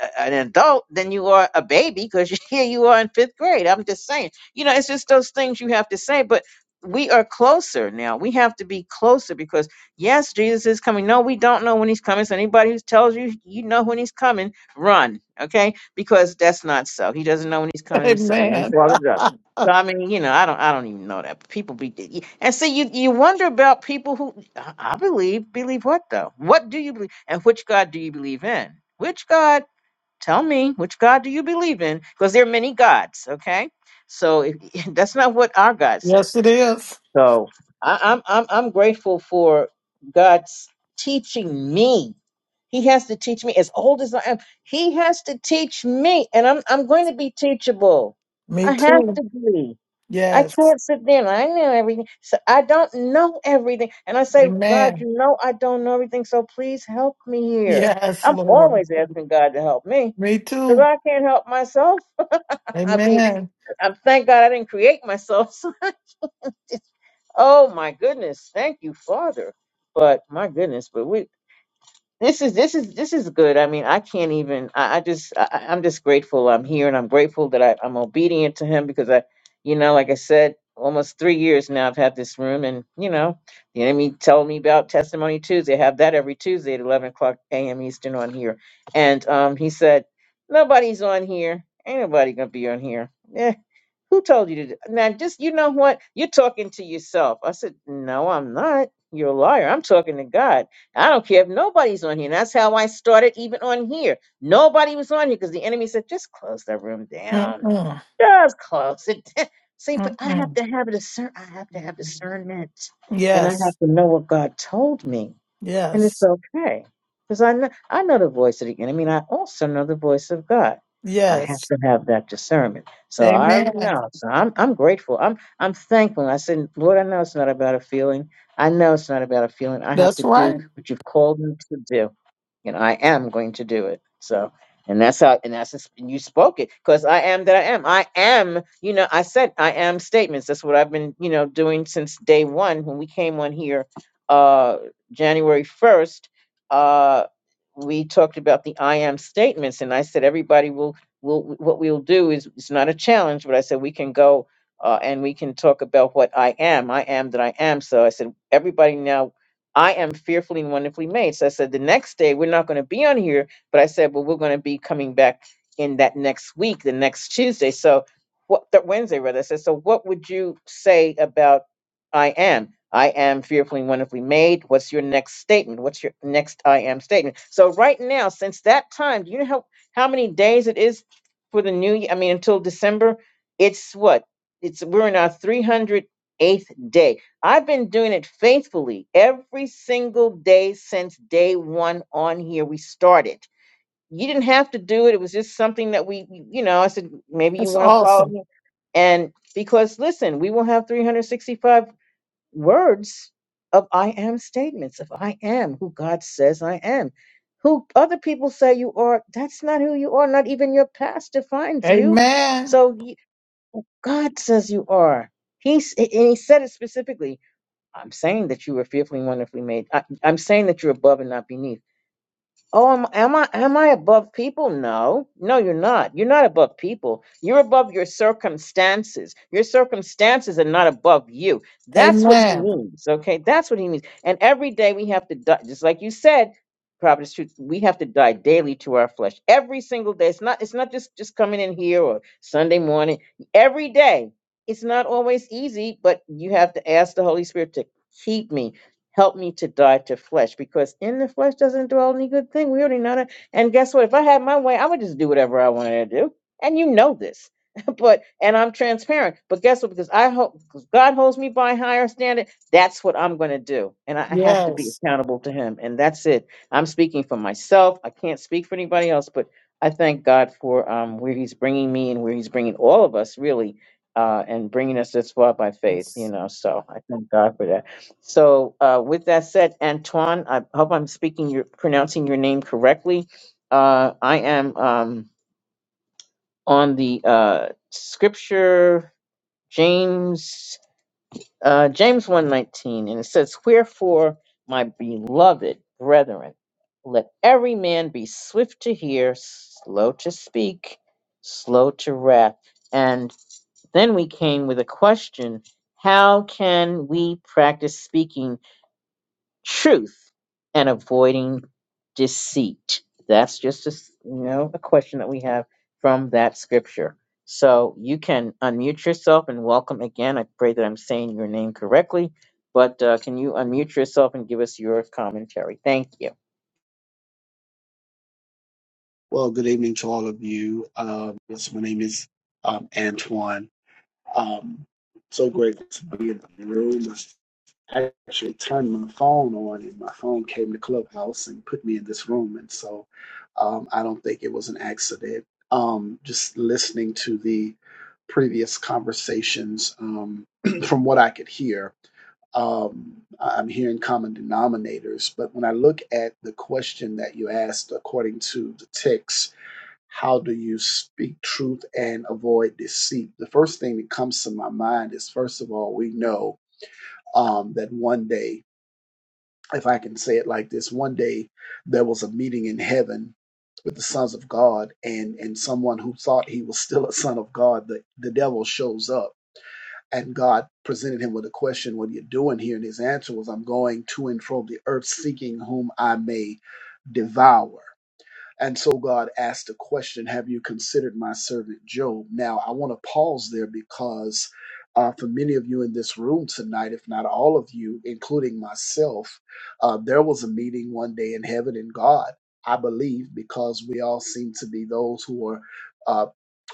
Speaker 1: a- an adult than you are a baby because *laughs* here you are in fifth grade i'm just saying you know it's just those things you have to say but we are closer now we have to be closer because yes jesus is coming no we don't know when he's coming so anybody who tells you you know when he's coming run okay because that's not so he doesn't know when he's
Speaker 2: *laughs*
Speaker 1: coming himself
Speaker 2: Amen.
Speaker 1: so I mean, you know, I don't, I don't even know that But people be, and see, you, you wonder about people who I I believe, believe what though? What do you believe, and which God do you believe in? Which God? Tell me, which God do you believe in? Because there are many gods, okay? So if, *laughs* that's not what our God
Speaker 2: *laughs*
Speaker 1: says.
Speaker 2: yes, it is.
Speaker 1: So I, I'm, I'm, I'm grateful for God's teaching me. He has to teach me. As old as I am, He has to teach me, and I'm, I'm going to be teachable.
Speaker 2: Me
Speaker 1: I have
Speaker 2: too.
Speaker 1: to be. I
Speaker 2: Yes.
Speaker 1: can't sit there and I know everything. So I don't know everything. And I say, God,
Speaker 2: Amen.
Speaker 1: you know I don't know everything, so please help me here.
Speaker 2: Yes,
Speaker 1: I'm
Speaker 2: Lord.
Speaker 1: always asking God to help me.
Speaker 2: Me
Speaker 1: Because
Speaker 2: too.
Speaker 1: I can't help myself. *laughs* I be
Speaker 2: Amen.
Speaker 1: I thank God I didn't create myself. *laughs* So I just, oh my goodness. Thank you, Father. But my goodness, but we this is this is this is good. I mean, I can't even. I, I just I, I- I'm just grateful I'm here, and I'm grateful that I, I'm obedient to him because I, you know, like I said, almost three years now I've had this room, and you know, the enemy told me about Testimony Tuesday. I have that every Tuesday at 11 o'clock a.m. Eastern on here, and um, he said nobody's on here. Ain't nobody gonna be on here. Yeah, who told you to do now? Just you know what? You're talking to yourself. I said, No, I'm not. You're a liar. I'm talking to God. I don't care if nobody's on here. And that's how I started even on here. Nobody was on here because the enemy said, just close that room down.
Speaker 2: Mm-mm.
Speaker 1: Just close it down. *laughs* See, but I have
Speaker 2: Mm-mm.
Speaker 1: to have a discern I have to have discernment. And I have
Speaker 2: Yes.
Speaker 1: to know what God told me and it's
Speaker 2: Yes.
Speaker 1: okay because I know, I know the voice of the enemy, and I also know the voice of God. I have
Speaker 2: Yes.
Speaker 1: to have that discernment. So I already
Speaker 2: Amen.
Speaker 1: know. So I'm I'm grateful. I'm I'm thankful. And I said, Lord, I know it's not about a feeling. I know it's not about a feeling. I have to
Speaker 2: That's
Speaker 1: do
Speaker 2: right.
Speaker 1: what you've called me to do, and I am going to do it. So. And that's how, and that's, just- and you spoke it because I am that I am. I am, you know, I said I am statements. That's what I've been, you know, doing since day one when we came on here Uh, January 1st, uh, we talked about the I am statements, and I said everybody will will what we'll do is it's not a challenge, but I said we can go uh, and we can talk about what I am. I am that I am. So I said everybody now. I am fearfully and wonderfully made. So I said the next day we're not going to be on here, but I said, well, we're going to be coming back in that next week, the next Tuesday. So what the Wednesday rather. I said, so what would you say about I am? I am fearfully and wonderfully made. What's your next statement? What's your next I am statement? So right now, since that time, do you know how, how many days it is for the new year? I mean, until December, it's what? It's we're in our 308th day. I've been doing it faithfully every single day since day one on here. We started. You didn't have to do it. It was just something that we, you know, I said, maybe you
Speaker 2: That's
Speaker 1: want to follow
Speaker 2: awesome.
Speaker 1: me. And because listen, we will have 365 words of I am statements of I am who God says I am. Who other people say you are, that's not who you are. Not even your past defines you.
Speaker 2: Amen.
Speaker 1: So y- God says you are. He's, and He said it specifically. I'm saying that you were fearfully and wonderfully made. I, I'm saying that you're above and not beneath. Oh, am, am I am I above people? No, no, you're not. You're not above people. You're above your circumstances. Your circumstances are not above you. That's what he
Speaker 2: Amen.
Speaker 1: means. Okay, that's what he means. And every day we have to die, just like you said, Providence Truth. We have to die daily to our flesh. Every single day. It's not. It's not just just coming in here or Sunday morning. Every day. It's not always easy, but you have to ask the Holy Spirit to keep me Help me to die to flesh because in the flesh doesn't dwell any good thing. We already know that. And guess what? If I had my way, I would just do whatever I wanted to do. And you know this. *laughs* but and I'm transparent. But guess what? Because I hope because God holds me by a higher standard, that's what I'm going to do. And I I have to be
Speaker 2: Yes.
Speaker 1: accountable to him. And that's it. I'm speaking for myself. I can't speak for anybody else, but I thank God for um, where he's bringing me and where he's bringing all of us really uh, and bringing us this far by faith, you
Speaker 2: yes.
Speaker 1: know. So I thank God for that. So, uh, with that said, Antoine, I hope I'm speaking your pronouncing your name correctly. Uh, I am um, on the uh, scripture James uh, James one nineteen, and it says, "Wherefore, my beloved brethren, let every man be swift to hear, slow to speak, slow to wrath." And then we came with a question: How can we practice speaking? truth and avoiding deceit. That's just a you know a question that we have from that scripture. So you can unmute yourself and welcome again. I pray that I'm saying your name correctly, but uh, can you unmute yourself and give us your commentary? Thank you.
Speaker 5: Well, good evening to all of you. Um, yes, my name is um, Antoine. Um, so grateful to be in the room. I actually turned my phone on, and my phone came to Clubhouse and put me in this room. And so um, I don't think it was an accident. Um, just listening to the previous conversations, um, *clears throat* from what I could hear, um, I- I'm hearing common denominators. But when I look at the question that you asked, according to the text, how do you speak truth and avoid deceit? The first thing that comes to my mind is first of all, we know um, that one day, if I can say it like this, one day there was a meeting in heaven with the sons of God, and and someone who thought he was still a son of God, the, the devil shows up. And God presented him with a question, What are you doing here? And his answer was, I'm going to and fro the earth seeking whom I may devour. And so God asked the question, Have you considered my servant Job? Now, I want to pause there because uh, for many of you in this room tonight, if not all of you, including myself, uh, there was a meeting one day in heaven and God, I believe, because we all seem to be those who are uh,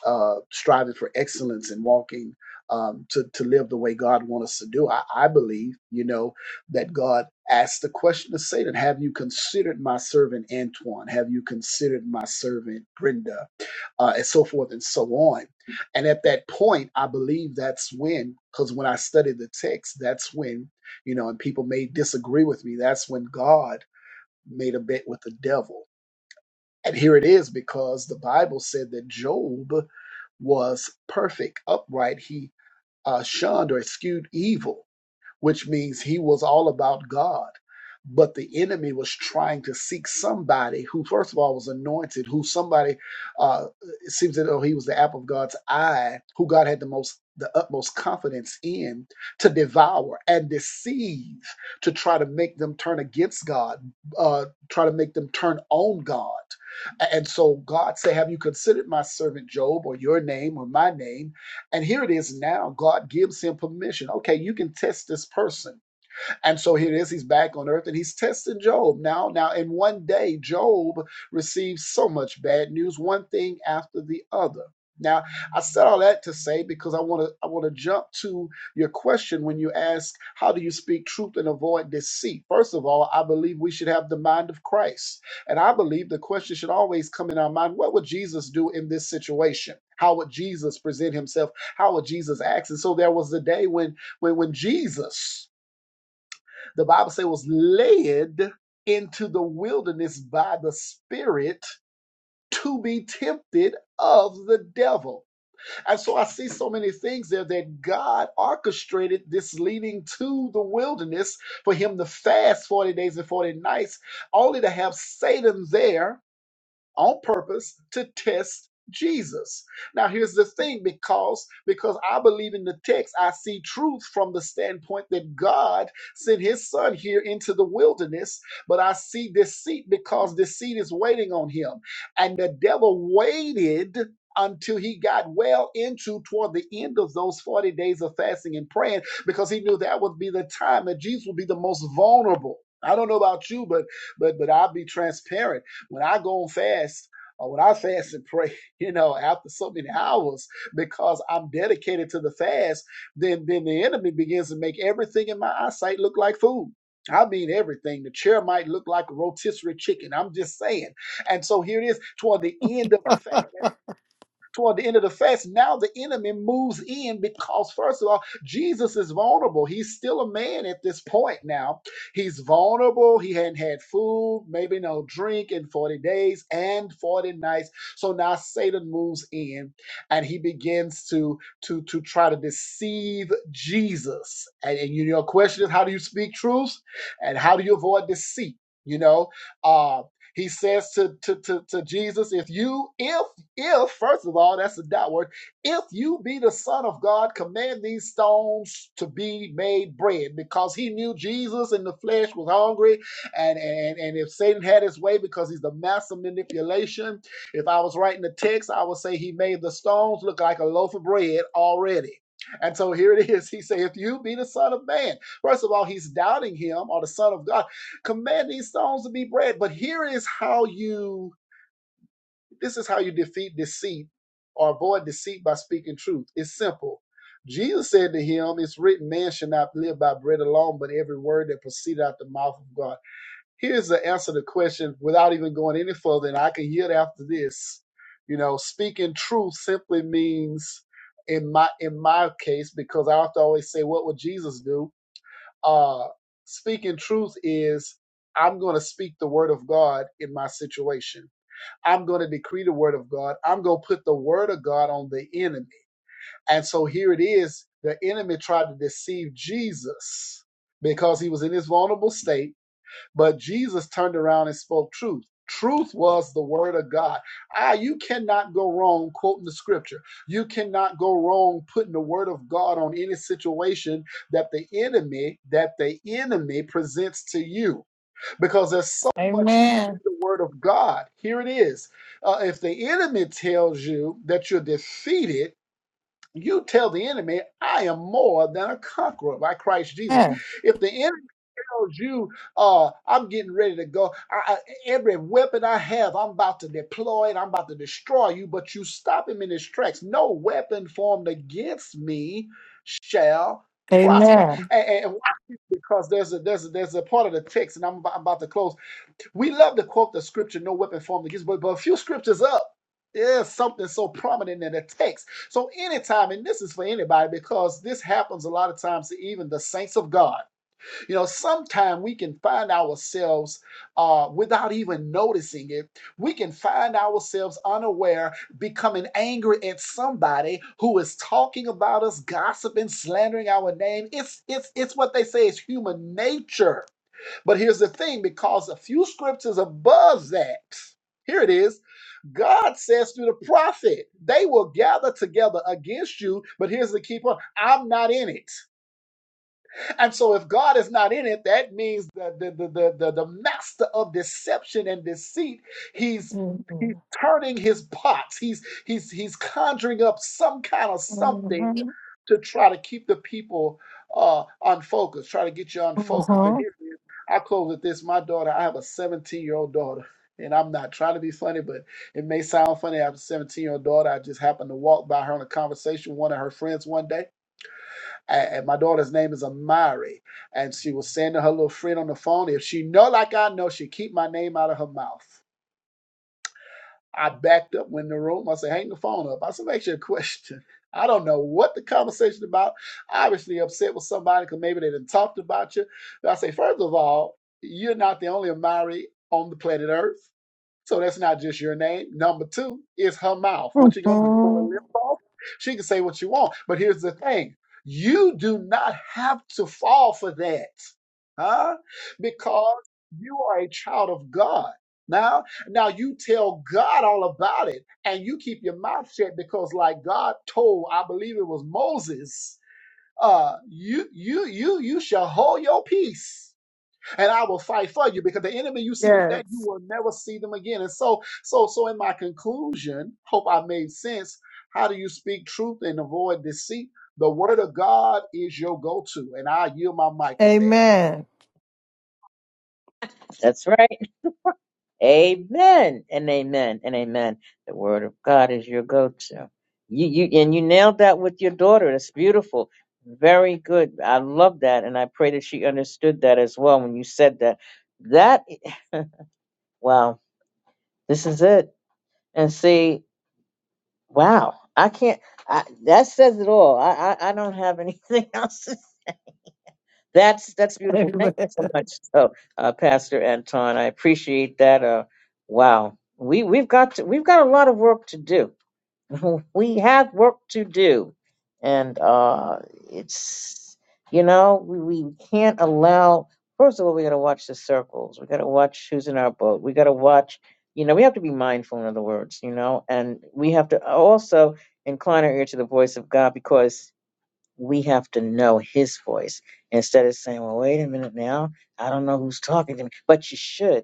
Speaker 5: uh, striving for excellence and walking um, to, to live the way God wants us to do. I, I believe, you know, that God asked the question to Satan Have you considered my servant Antoine? Have you considered my servant Brenda? Uh, and so forth and so on. And at that point, I believe that's when, because when I studied the text, that's when, you know, and people may disagree with me, that's when God made a bet with the devil. And here it is because the Bible said that Job was perfect, upright. He uh, shunned or eschewed evil which means he was all about God. But the enemy was trying to seek somebody who, first of all, was anointed, who somebody, uh, it seems that oh, he was the apple of God's eye, who God had the most, the utmost confidence in to devour and deceive, to try to make them turn against God, uh, try to make them turn on God. A- And so God said, Have you considered my servant Job or your name or my name? And here it is now. God gives him permission. Okay, you can test this person. And so here it is, he's back on earth and he's testing Job now. Now, in one day, Job receives so much bad news, one thing after the other. Now, I said all that to say because I want to I want to jump to your question when you ask how do you speak truth and avoid deceit. First of all, I believe we should have the mind of Christ. And I believe the question should always come in our mind, what would Jesus do in this situation? How would Jesus present himself? How would Jesus act? And so there was a day when when when Jesus the Bible says was led into the wilderness by the Spirit to be tempted of the devil. And so I see so many things there that God orchestrated this leading to the wilderness for him to fast 40 days and 40 nights, only to have Satan there on purpose to test Jesus. Now here's the thing because because I believe in the text I see truth from the standpoint that God sent his son here into the wilderness but I see deceit because deceit is waiting on him and the devil waited until he got well into toward the end of those 40 days of fasting and praying because he knew that would be the time that Jesus would be the most vulnerable. I don't know about you but but but I'll be transparent when I go on fast, or when I fast and pray, *laughs* you know, after so many hours, because I'm dedicated to the fast, then then the enemy begins to make everything in my eyesight look like food. I mean everything. The chair might look like a rotisserie chicken. I'm just saying. And so here it is toward the end of the fast toward the end of the fast, now the enemy moves in because, first of all, Jesus is vulnerable. He's still a man at this point now. He's vulnerable. He hadn't had food, maybe no drink in 40 days and 40 nights. So now Satan moves in and he begins to, to, to try to deceive Jesus. And, and you know, your question is how do you speak truth and how do you avoid deceit? You know, uh, he says to, to, to, to Jesus, if you, if if, first of all, that's a doubt word. If you be the Son of God, command these stones to be made bread, because he knew Jesus in the flesh was hungry, and and and if Satan had his way, because he's the master manipulation. If I was writing the text, I would say he made the stones look like a loaf of bread already. And so here it is. He said, If you be the Son of Man, first of all, he's doubting him or the Son of God. Command these stones to be bread. But here is how you this is how you defeat deceit or avoid deceit by speaking truth. It's simple. Jesus said to him, It's written, man should not live by bread alone, but every word that proceeded out the mouth of God. Here's the answer to the question without even going any further, and I can yield after this. You know, speaking truth simply means in my in my case, because I have to always say, What would Jesus do? Uh speaking truth is I'm gonna speak the word of God in my situation. I'm going to decree the word of God. I'm going to put the word of God on the enemy. And so here it is the enemy tried to deceive Jesus because he was in his vulnerable state, but Jesus turned around and spoke truth. Truth was the word of God. Ah, you cannot go wrong quoting the scripture. You cannot go wrong putting the word of God on any situation that the enemy that the enemy presents to you because there's so much truth in
Speaker 2: Amen.
Speaker 5: the Word of God. Here it is. Uh, if the enemy tells you that you're defeated, you tell the enemy, I am more than a conqueror by Christ Jesus.
Speaker 2: Yeah.
Speaker 5: If the enemy tells you, uh, I'm getting ready to go, I, I- every weapon I have, I'm about to deploy it, I'm about to destroy you, but you stop him in his tracks. No weapon formed against me shall prosper.
Speaker 2: Amen.
Speaker 5: And, and and why? because there's a there's a, there's a part of the text, and I'm about, I'm about to close we love to quote the scripture, no weapon formed against, but, but a few scriptures up. There's something so prominent in the text. So, anytime, and this is for anybody because this happens a lot of times to even the saints of God. You know, sometimes we can find ourselves uh, without even noticing it, we can find ourselves unaware becoming angry at somebody who is talking about us, gossiping, slandering our name. It's, it's, it's what they say is human nature but here's the thing because a few scriptures above that, here it is, God says through the prophet, they will gather together against you, but here's the key point I'm not in it. And so if God is not in it, that means that the the, the, the, the master of deception and deceit, he's he's
Speaker 2: Mhm.
Speaker 5: turning his pots. He's he's he's conjuring up some kind of something
Speaker 2: Mhm.
Speaker 5: to try to keep the people uh unfocused, try to get you unfocused. And
Speaker 2: Mhm.
Speaker 5: here it is. I close with this. My daughter, I have a 17-year-old daughter. And I'm not trying to be funny, but it may sound funny. I have a 17 year old daughter. I just happened to walk by her in a conversation with one of her friends one day and, my daughter's name is Amari, and she was saying to her little friend on the phone, if she know like I know, she keep my name out of her mouth. I backed up, went in the room. I said, hang the phone up. I said, make sure a question. *laughs* I don't know what the conversation about. Obviously upset with somebody because maybe they didn't talked about you. But I say, first of all, you're not the only Amari on the planet Earth. So that's not just your name. Number two is her mouth. What you gonna do? Pull her
Speaker 2: Mhm.
Speaker 5: lips off? She can say what you want. But here's the thing: you do not have to fall for that, huh? Because you are a child of God. Now, now you tell God all about it, and you keep your mouth shut because, like God told, I believe it was Moses, uh, you you you you shall hold your peace and I will fight for you because the enemy you see today, you
Speaker 2: Yes.
Speaker 5: will never see them again. And so, so, so in my conclusion, hope I made sense. How do you speak truth and avoid deceit? The word of God is your go-to, and I yield my mic with that.
Speaker 2: Amen.
Speaker 1: That's right. Amen and amen and amen. The word of God is your go-to. You you and you nailed that with your daughter. That's beautiful. Very good. I love that, and I pray that she understood that as well when you said that. That *laughs* wow, this is it. And see, wow, I can't. I, that says it all. I, I I don't have anything *laughs* else. to That's that's beautiful. Thank
Speaker 2: Amen.
Speaker 1: you so much, *laughs* so, uh, Pastor Anton. I appreciate that. Uh, wow, we we've got to, we've got a lot of work to do. *laughs* we have work to do, and uh, it's you know we, we can't allow. First of all, we got to watch the circles. We got to watch who's in our boat. We got to watch. You know, we have to be mindful. In other words, you know, and we have to also incline our ear to the voice of God because we have to know his voice instead of saying, well, wait a minute now, I don't know who's talking to me. But you should.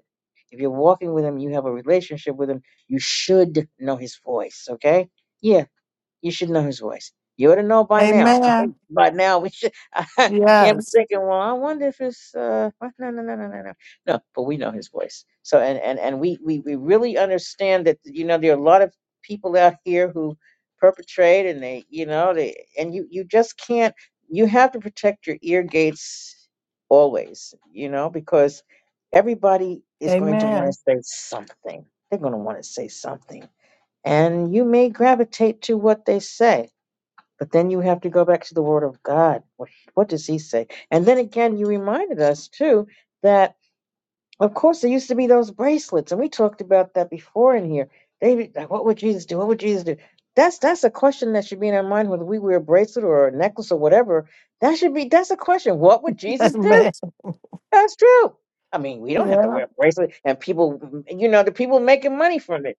Speaker 1: If you're walking with him, you have a relationship with him, you should know his voice, okay? Yeah. You should know his voice. You ought to know by now. I think
Speaker 2: Amen.
Speaker 1: by now we should. *laughs* I can't be
Speaker 2: Yes.
Speaker 1: thinking. Well, I wonder if it's. Uh, what?" no, no, no, no, no, no. No, but we know his voice. So and and and we we we really understand that. You know, there are a lot of people out here who perpetrate, and they, you know, they and you you just can't. You have to protect your ear gates always. You know, because everybody is going to want
Speaker 2: Amen.
Speaker 1: to say something. They're going to want to say something and you may gravitate to what they say but then you have to go back to the word of god what, what does he say and then again you reminded us too that of course there used to be those bracelets and we talked about that before in here they be like what would jesus do what would jesus do that's that's a question that should be in our mind whether we wear a bracelet or a necklace or whatever that should be that's a question what would jesus do
Speaker 2: Amen.
Speaker 1: that's true i mean we don't have to
Speaker 2: Yeah.
Speaker 1: wear a bracelet and people you know the people making money from it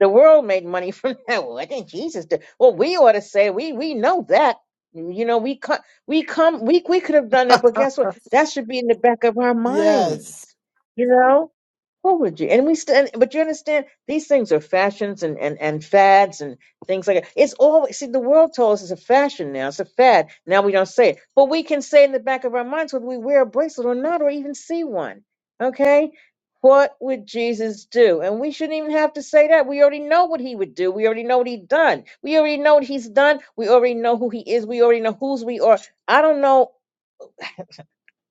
Speaker 1: the world made money from *laughs* that. What did Jesus do? Well, we ought to say we we know that. You know, we co- we come we we could have done that,
Speaker 2: *laughs*
Speaker 1: but guess what? That should be in the back of our
Speaker 2: Yes.
Speaker 1: minds. You know? What would you? And we stand, but you understand these things are fashions and, and, and fads and things like that. It's always, see, the world told us it's a fashion now, it's a fad. Now we don't say it. But we can say in the back of our minds whether we wear a bracelet or not, or even see one. Okay? What would Jesus do? And we shouldn't even have to say that. We already know what he would do. We already know what he done. We already know what he's done. We already know who he is. We already know whose we are. I don't know.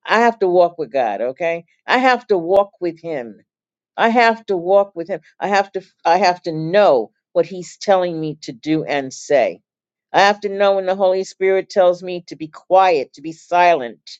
Speaker 1: I have to walk with God, okay? I have to walk with him. I have to walk with him. I have to I have to know what he's telling me to do and say. I have to know when the Holy Spirit tells me to be quiet, to be silent.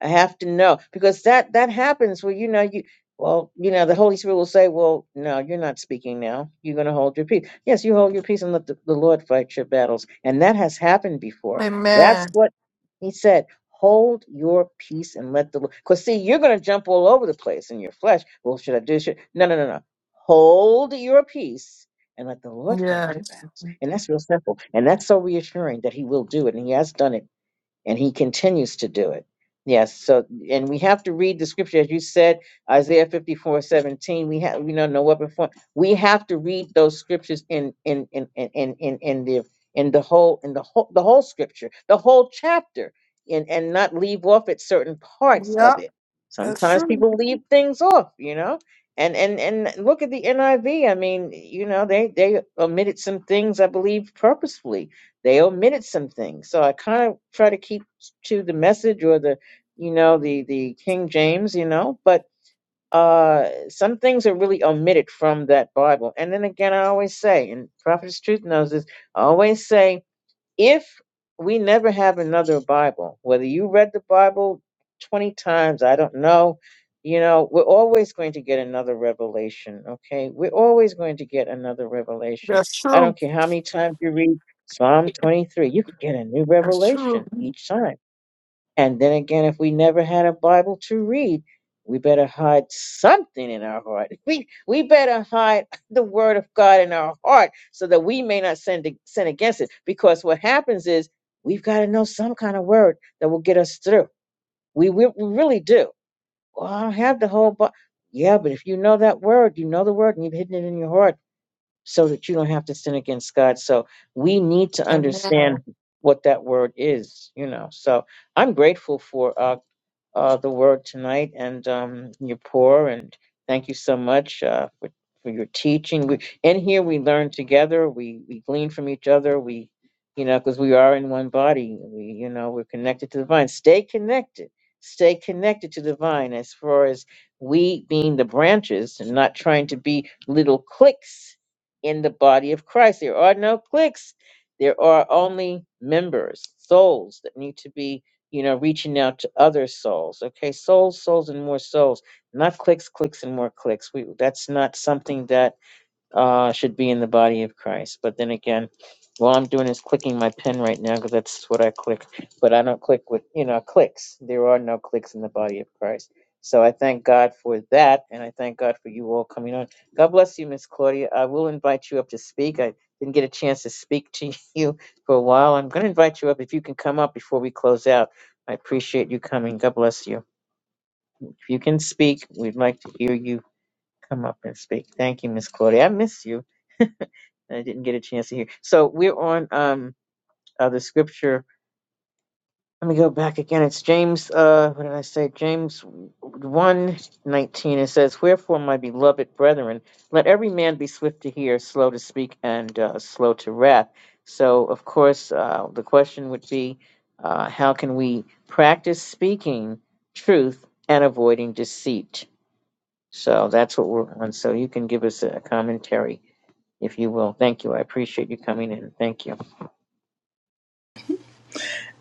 Speaker 1: I have to know because that that happens where you know you well you know the Holy Spirit will say, well, no, you're not speaking now. You're going to hold your peace. Yes, you hold your peace and let the, the Lord fight your battles, and that has happened before. That's
Speaker 2: Amen.
Speaker 1: what He said. Hold your peace and let the Lord. Because see, you're going to jump all over the place in your flesh. Well, should I do? Should no, no, no, no. Hold your peace and let the Lord fight your
Speaker 2: Yes.
Speaker 1: battles, and that's real simple, and that's so reassuring that He will do it, and He has done it and he continues to do it. Yes, so and we have to read the scripture as you said, Isaiah fifty four seventeen. We have we know, not know what before we have to read those scriptures in in in in in in, in the in the whole in the whole the whole scripture, the whole chapter, and and not leave off at certain parts of
Speaker 2: Yep.
Speaker 1: it.
Speaker 2: That's
Speaker 1: Sometimes
Speaker 2: true.
Speaker 1: people leave things off, you know. And and and look at the NIV. I V. I mean, you know, they they omitted some things, I believe, purposefully they omitted some things. So I kind of try to keep to the message or the, you know, the the King James, you know, but uh some things are really omitted from that Bible. And then again, I always say, and Prophet's Truth knows this, I always say if we never have another Bible, whether you read the Bible 20 times, I don't know, you know, we're always going to get another revelation, okay? We're always going to get another revelation.
Speaker 2: That's
Speaker 1: I
Speaker 2: true.
Speaker 1: don't care how many times you read Psalm 23, you could get a new
Speaker 2: That's true.
Speaker 1: revelation each time and then again, if we never had a Bible to read, we better hide something in our heart. *laughs* We we better hide the Word of God in our heart so that we may not sin to, sin against it. Because what happens is we've got to know some kind of word that will get us through. We we, we really do. Well, I don't have the whole Bible. Yeah, but if you know that word, you know the word, and you've hidden it in your heart so that you don't have to sin against God. So we need to understand
Speaker 2: Amen.
Speaker 1: what that word is, you know. So I'm grateful for uh, uh, the word tonight and um, your pour, and thank you so much uh, for, for your teaching. We, in here, we learn together, we, we glean from each other, we, you know, because we are in one body, we, you know, we're connected to the vine. Stay connected. Stay connected to the vine as far as we being the branches and not trying to be little cliques in the body of Christ. There are no cliques. There are only members, souls that need to be, you know, reaching out to other souls. Okay, souls, souls, and more souls. Not clicks, clicks, and more clicks. We that's not something that uh, should be in the body of Christ. But then again, all I'm doing is clicking my pen right now because that's what I click. But I don't click with, you know, clicks. There are no clicks in the body of Christ. So I thank God for that. And I thank God for you all coming on. God bless you, Miss Claudia. I will invite you up to speak. I didn't get a chance to speak to *laughs* you for a while. I'm going to invite you up if you can come up before we close out. I appreciate you coming. God bless you. If you can speak, we'd like to hear you come up and speak. Thank you, Miss Claudia. I miss you. I didn't get a chance to hear. So we're on um uh, the scripture. Let me go back again. It's James. Uh, what did I say? James one nineteen. It says, "Wherefore, my beloved brethren, let every man be swift to hear, slow to speak, and uh, slow to wrath." So, of course, uh, the question would be, uh, how can we practice speaking truth and avoiding deceit? So that's what we're on. So you can give us a commentary if you will. Thank you. I appreciate you coming in. Thank you.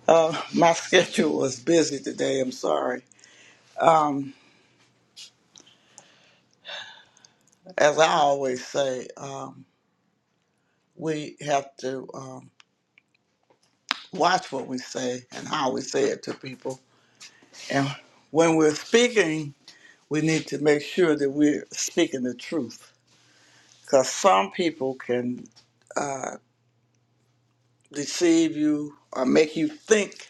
Speaker 6: Uh, my *laughs* schedule was busy today. I'm sorry. Um, as I always say, um, we have to um, watch what we say and how we say it to people. And when we're speaking, we need to make sure that we're speaking the truth. Because some people can uh, deceive you or make you think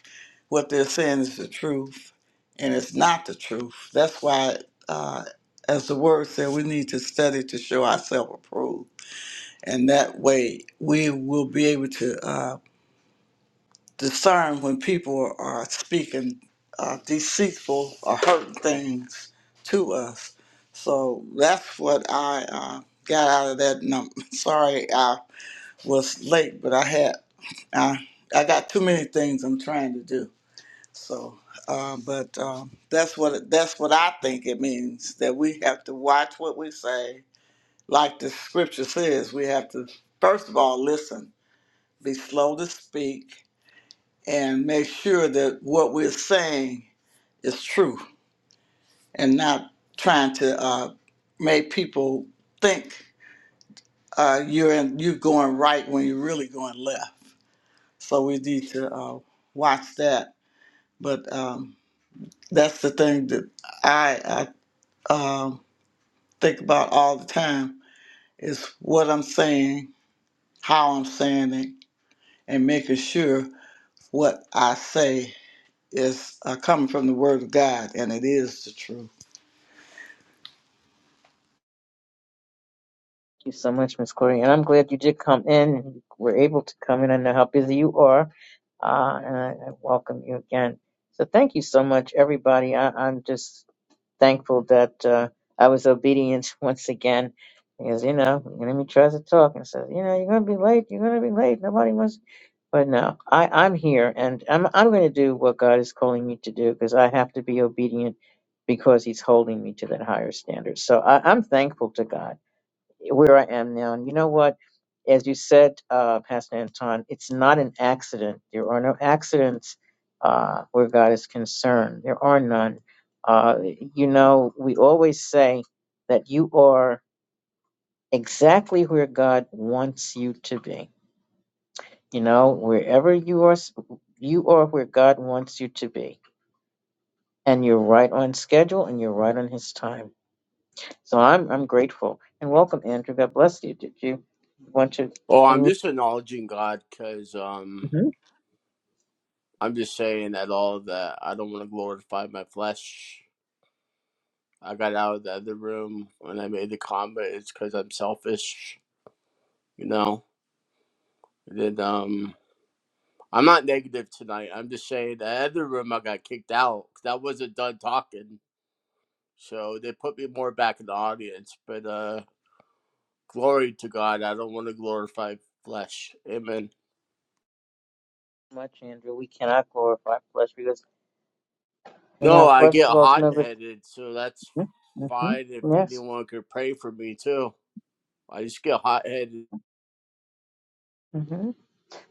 Speaker 6: what they're saying is the truth, and it's not the truth. That's why, uh, as the word said, we need to study to show ourselves approved and that way we will be able to uh, discern when people are speaking uh, deceitful or hurting things to us. So that's what I uh, got out of that. And I'm *laughs* sorry I was late, but I had I, I got too many things I'm trying to do. So, uh, but um, that's what it- that's what I think it means that we have to watch what we say. Like the scripture says, we have to first of all listen be slow to speak, and make sure that what we're saying is true and not trying to uh, make people think uh, you're in, you're going right when you're really going left. So we need to uh, watch that. But um, that's the thing that I, I um, think about all the time is what I'm saying, how I'm saying it, and making sure what I say It's uh, coming from the Word of God, and it is the truth.
Speaker 1: Thank you so much, Miss Corey. And I'm glad you did come in and you were able to come in. I know how busy you are. Uh, and I, I welcome you again. So thank you so much, everybody. I, I'm just thankful that uh, I was obedient *laughs* once again. Because, you know, the enemy tries to talk and says, you know, you're going to be late. You're going to be late. Nobody wants. But no, I, I'm here and I'm, I'm going to do what God is calling me to do because I have to be obedient because he's holding me to that higher standard. So I, I'm thankful to God where I am now. And you know what? As you said, uh, Pastor Anton, it's not an accident. There are no accidents uh, where God is concerned. There are none. Uh, you know, we always say that you are exactly where God wants you to be. You know, wherever you are, s- you are where God wants you to be. And you're right on schedule and you're right on his time. So I'm I'm grateful. And welcome, Andrew. God bless you. Did you want to
Speaker 7: Oh, I'm
Speaker 1: unmute?
Speaker 7: just acknowledging God because um,
Speaker 1: Mm-hmm.
Speaker 7: I'm just saying at all that I don't want to glorify my flesh. I got out of the other room when I made the comment. It's because I'm selfish, you know. And then um, I'm not negative tonight. I'm just saying the other room I got kicked out 'cause I wasn't done talking, so they put me more back in the audience. But uh, glory to God, I don't want to glorify flesh. Amen.
Speaker 1: much, Andrew. We cannot glorify flesh because in
Speaker 7: No,
Speaker 1: our
Speaker 7: I
Speaker 1: flesh
Speaker 7: get
Speaker 1: dwells
Speaker 7: hot
Speaker 1: no good.
Speaker 7: headed, so that's
Speaker 1: Mm-hmm.
Speaker 7: fine if
Speaker 1: Mm-hmm. Yes.
Speaker 7: anyone could pray for me too. I just get hot headed.
Speaker 1: hmm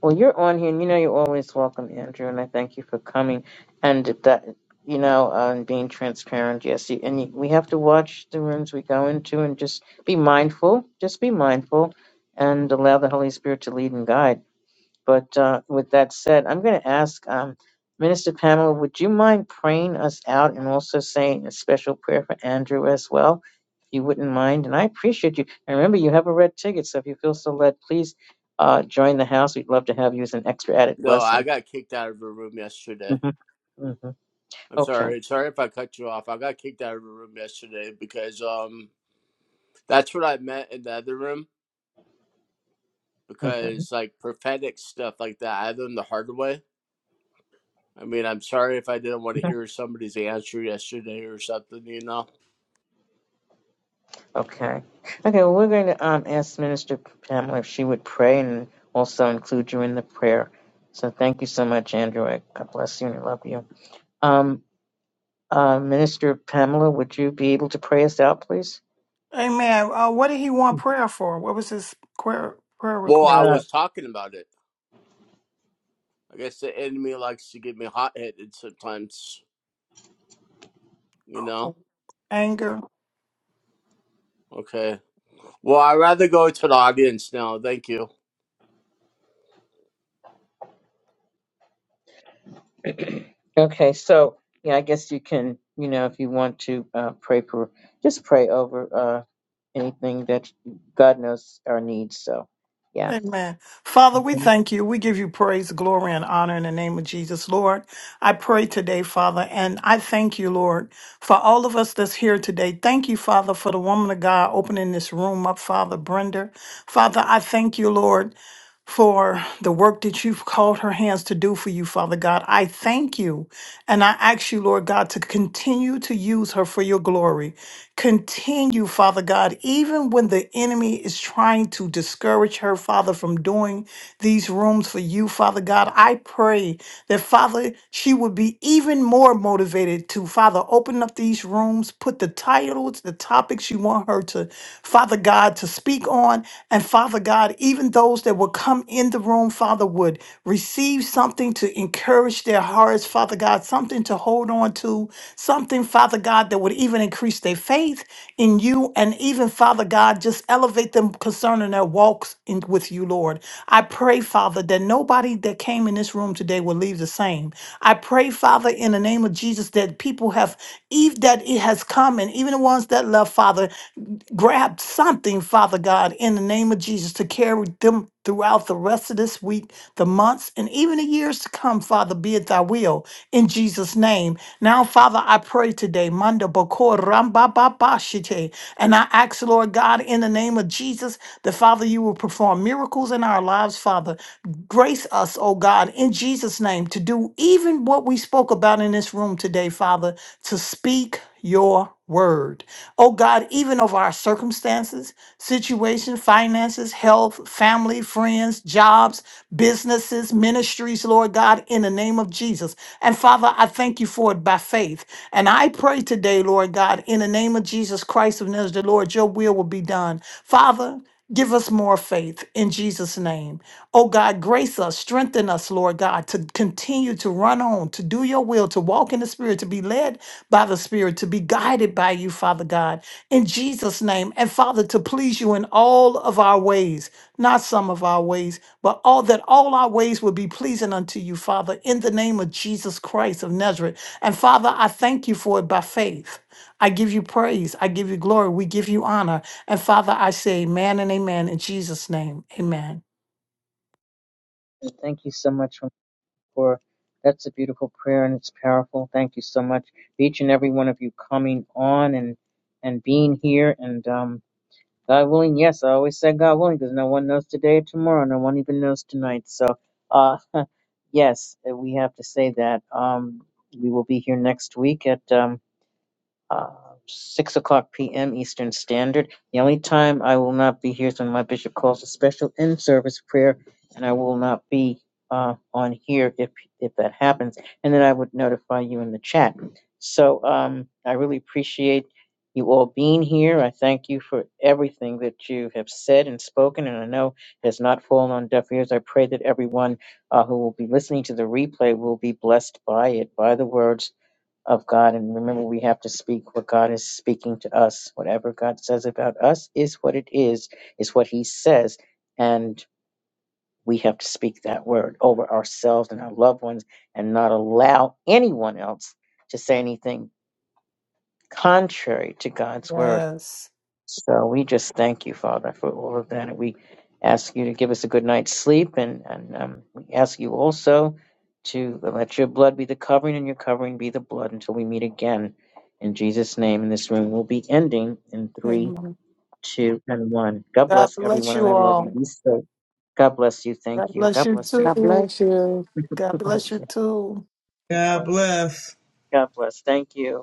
Speaker 1: Well, you're on here, and you know you're always welcome, Andrew. And I thank you for coming and that you know uh, and being transparent. Yes, you, and you, we have to watch the rooms we go into and just be mindful. Just be mindful and allow the Holy Spirit to lead and guide. But uh, with that said, I'm going to ask um, Minister Pamela, would you mind praying us out and also saying a special prayer for Andrew as well, if you wouldn't mind? And I appreciate you. And remember, you have a red ticket, so if you feel so led, please uh, join the house. We'd love to have you as an extra added
Speaker 7: No, I
Speaker 1: blessing.
Speaker 7: got kicked out of a room yesterday.
Speaker 1: hmm hmm
Speaker 7: I'm
Speaker 1: Okay.
Speaker 7: sorry. Sorry if I cut you off. I got kicked out of a room yesterday because um that's what I meant in the other room
Speaker 1: hmm
Speaker 7: because like prophetic stuff like that, I learned the hard way. I mean, I'm sorry if I didn't want to
Speaker 1: *laughs*
Speaker 7: hear somebody's answer yesterday or something, you know.
Speaker 1: Okay. Okay, well, we're going to um, ask Minister Pamela if she would pray and also include you in the prayer. So thank you so much, Andrew. I- God bless you and I love you. Um, Uh, Minister Pamela, would you be able to pray us out, please?
Speaker 2: Amen. Uh, what did he want prayer for? What was his prayer prayer
Speaker 7: Well, I
Speaker 2: request?
Speaker 1: Uh,
Speaker 7: was talking about it. I guess the enemy likes to get me hot headed sometimes, you know
Speaker 2: anger.
Speaker 7: Okay. Well, I'd rather go to the audience now. Thank you.
Speaker 1: *clears throat* okay, so yeah, I guess you can, you know, if you want to uh, pray for, just pray over uh, anything that God knows our needs. So, yeah.
Speaker 2: Amen. Father, we
Speaker 1: Mhm.
Speaker 2: thank you. We give you praise, glory, and honor in the name of Jesus, Lord. I pray today, Father, and I thank you, Lord, for all of us that's here today. Thank you, Father, for the woman of God opening this room up, Father Brenda. Father, I thank you, Lord. for the work that you've called her hands to do for you, Father God. I thank you. And I ask you, Lord God, to continue to use her for your glory. Continue, Father God, even when the enemy is trying to discourage her, Father, from doing these rooms for you, Father God. I pray that, Father, she would be even more motivated to, Father, open up these rooms, put the titles, the topics you want her to, Father God, to speak on, God. And Father God, even those that will come in the room, Father, would receive something to encourage their hearts, Father God, something to hold on to, something, Father God, that would even increase their faith in you. And even, Father God, just elevate them concerning their walks in, with you, Lord. I pray, Father, that nobody that came in this room today will leave the same. I pray, Father, in the name of Jesus, that people have, eve that it has come, and even the ones that love, Father grab something, Father God, in the name of Jesus, to carry them throughout the rest of this week, the months, and even the years to come, Father, be it thy will, in Jesus' name. Now, Father, I pray today, Manda Bako Ramba ba ba Shite, and I ask, Lord God, in the name of Jesus, that Father, you will perform miracles in our lives, Father. Grace us, oh God, in Jesus' name, to do even what we spoke about in this room today, Father, to speak your word. Oh God, even of our circumstances, situation, finances, health, family, friends, jobs, businesses, ministries, Lord God, in the name of Jesus. And Father, I thank you for it by faith. And I pray today, Lord God, in the name of Jesus Christ of Nazareth, Lord, your will will be done. Father, Give us more faith in Jesus' name. Oh God, grace us, strengthen us, Lord God, to continue to run on, to do your will, to walk in the Spirit, to be led by the Spirit, to be guided by you, Father God, in Jesus' name. And Father, to please you in all of our ways, not some of our ways, but all that all our ways would be pleasing unto you, Father, in the name of Jesus Christ of Nazareth. And Father, I thank you for it by faith. I give you praise. I give you glory. We give you honor. And Father, I say amen and amen in Jesus' name. Amen.
Speaker 1: And Thank you so much for that's a beautiful prayer and it's powerful. Thank you so much, for each and every one of you coming on and and being here and um God willing, yes, I always said God willing because no one knows today or tomorrow. No one even knows tonight. So, uh, *laughs* yes, we have to say that. Um, we will be here next week at um, uh, 6 o'clock p.m. Eastern Standard. The only time I will not be here is when my bishop calls a special in service prayer, and I will not be uh, on here if, if that happens. And then I would notify you in the chat. So um, I really appreciate you all being here. I thank you for everything that you have said and spoken, and I know it has not fallen on deaf ears. I pray that everyone uh, who will be listening to the replay will be blessed by it, by the words of God. And remember, we have to speak what God is speaking to us. Whatever God says about us is what it is, is what He says. And we have to speak that word over ourselves and our loved ones and not allow anyone else to say anything contrary to God's word.
Speaker 2: Yes.
Speaker 1: So we just thank you, Father, for all of that. And we ask you to give us a good night's sleep. And, and um, we ask you also to let your blood be the covering and your covering be the blood until we meet again. In Jesus' name, in this room, we'll be ending in three,
Speaker 2: Amen.
Speaker 1: two, and one. God
Speaker 2: God
Speaker 1: bless
Speaker 2: bless
Speaker 1: everyone. And
Speaker 2: you
Speaker 1: I love you.
Speaker 2: all.
Speaker 1: Be safe. God bless you.
Speaker 2: God
Speaker 1: Thank you.
Speaker 2: bless
Speaker 1: God
Speaker 2: you
Speaker 1: bless you.
Speaker 3: God
Speaker 2: too.
Speaker 3: bless you.
Speaker 1: *laughs*
Speaker 2: God
Speaker 1: God
Speaker 2: bless
Speaker 1: bless.
Speaker 2: you
Speaker 1: you.
Speaker 2: too.
Speaker 1: God
Speaker 6: God
Speaker 1: bless.
Speaker 6: bless.
Speaker 1: God bless. Thank you.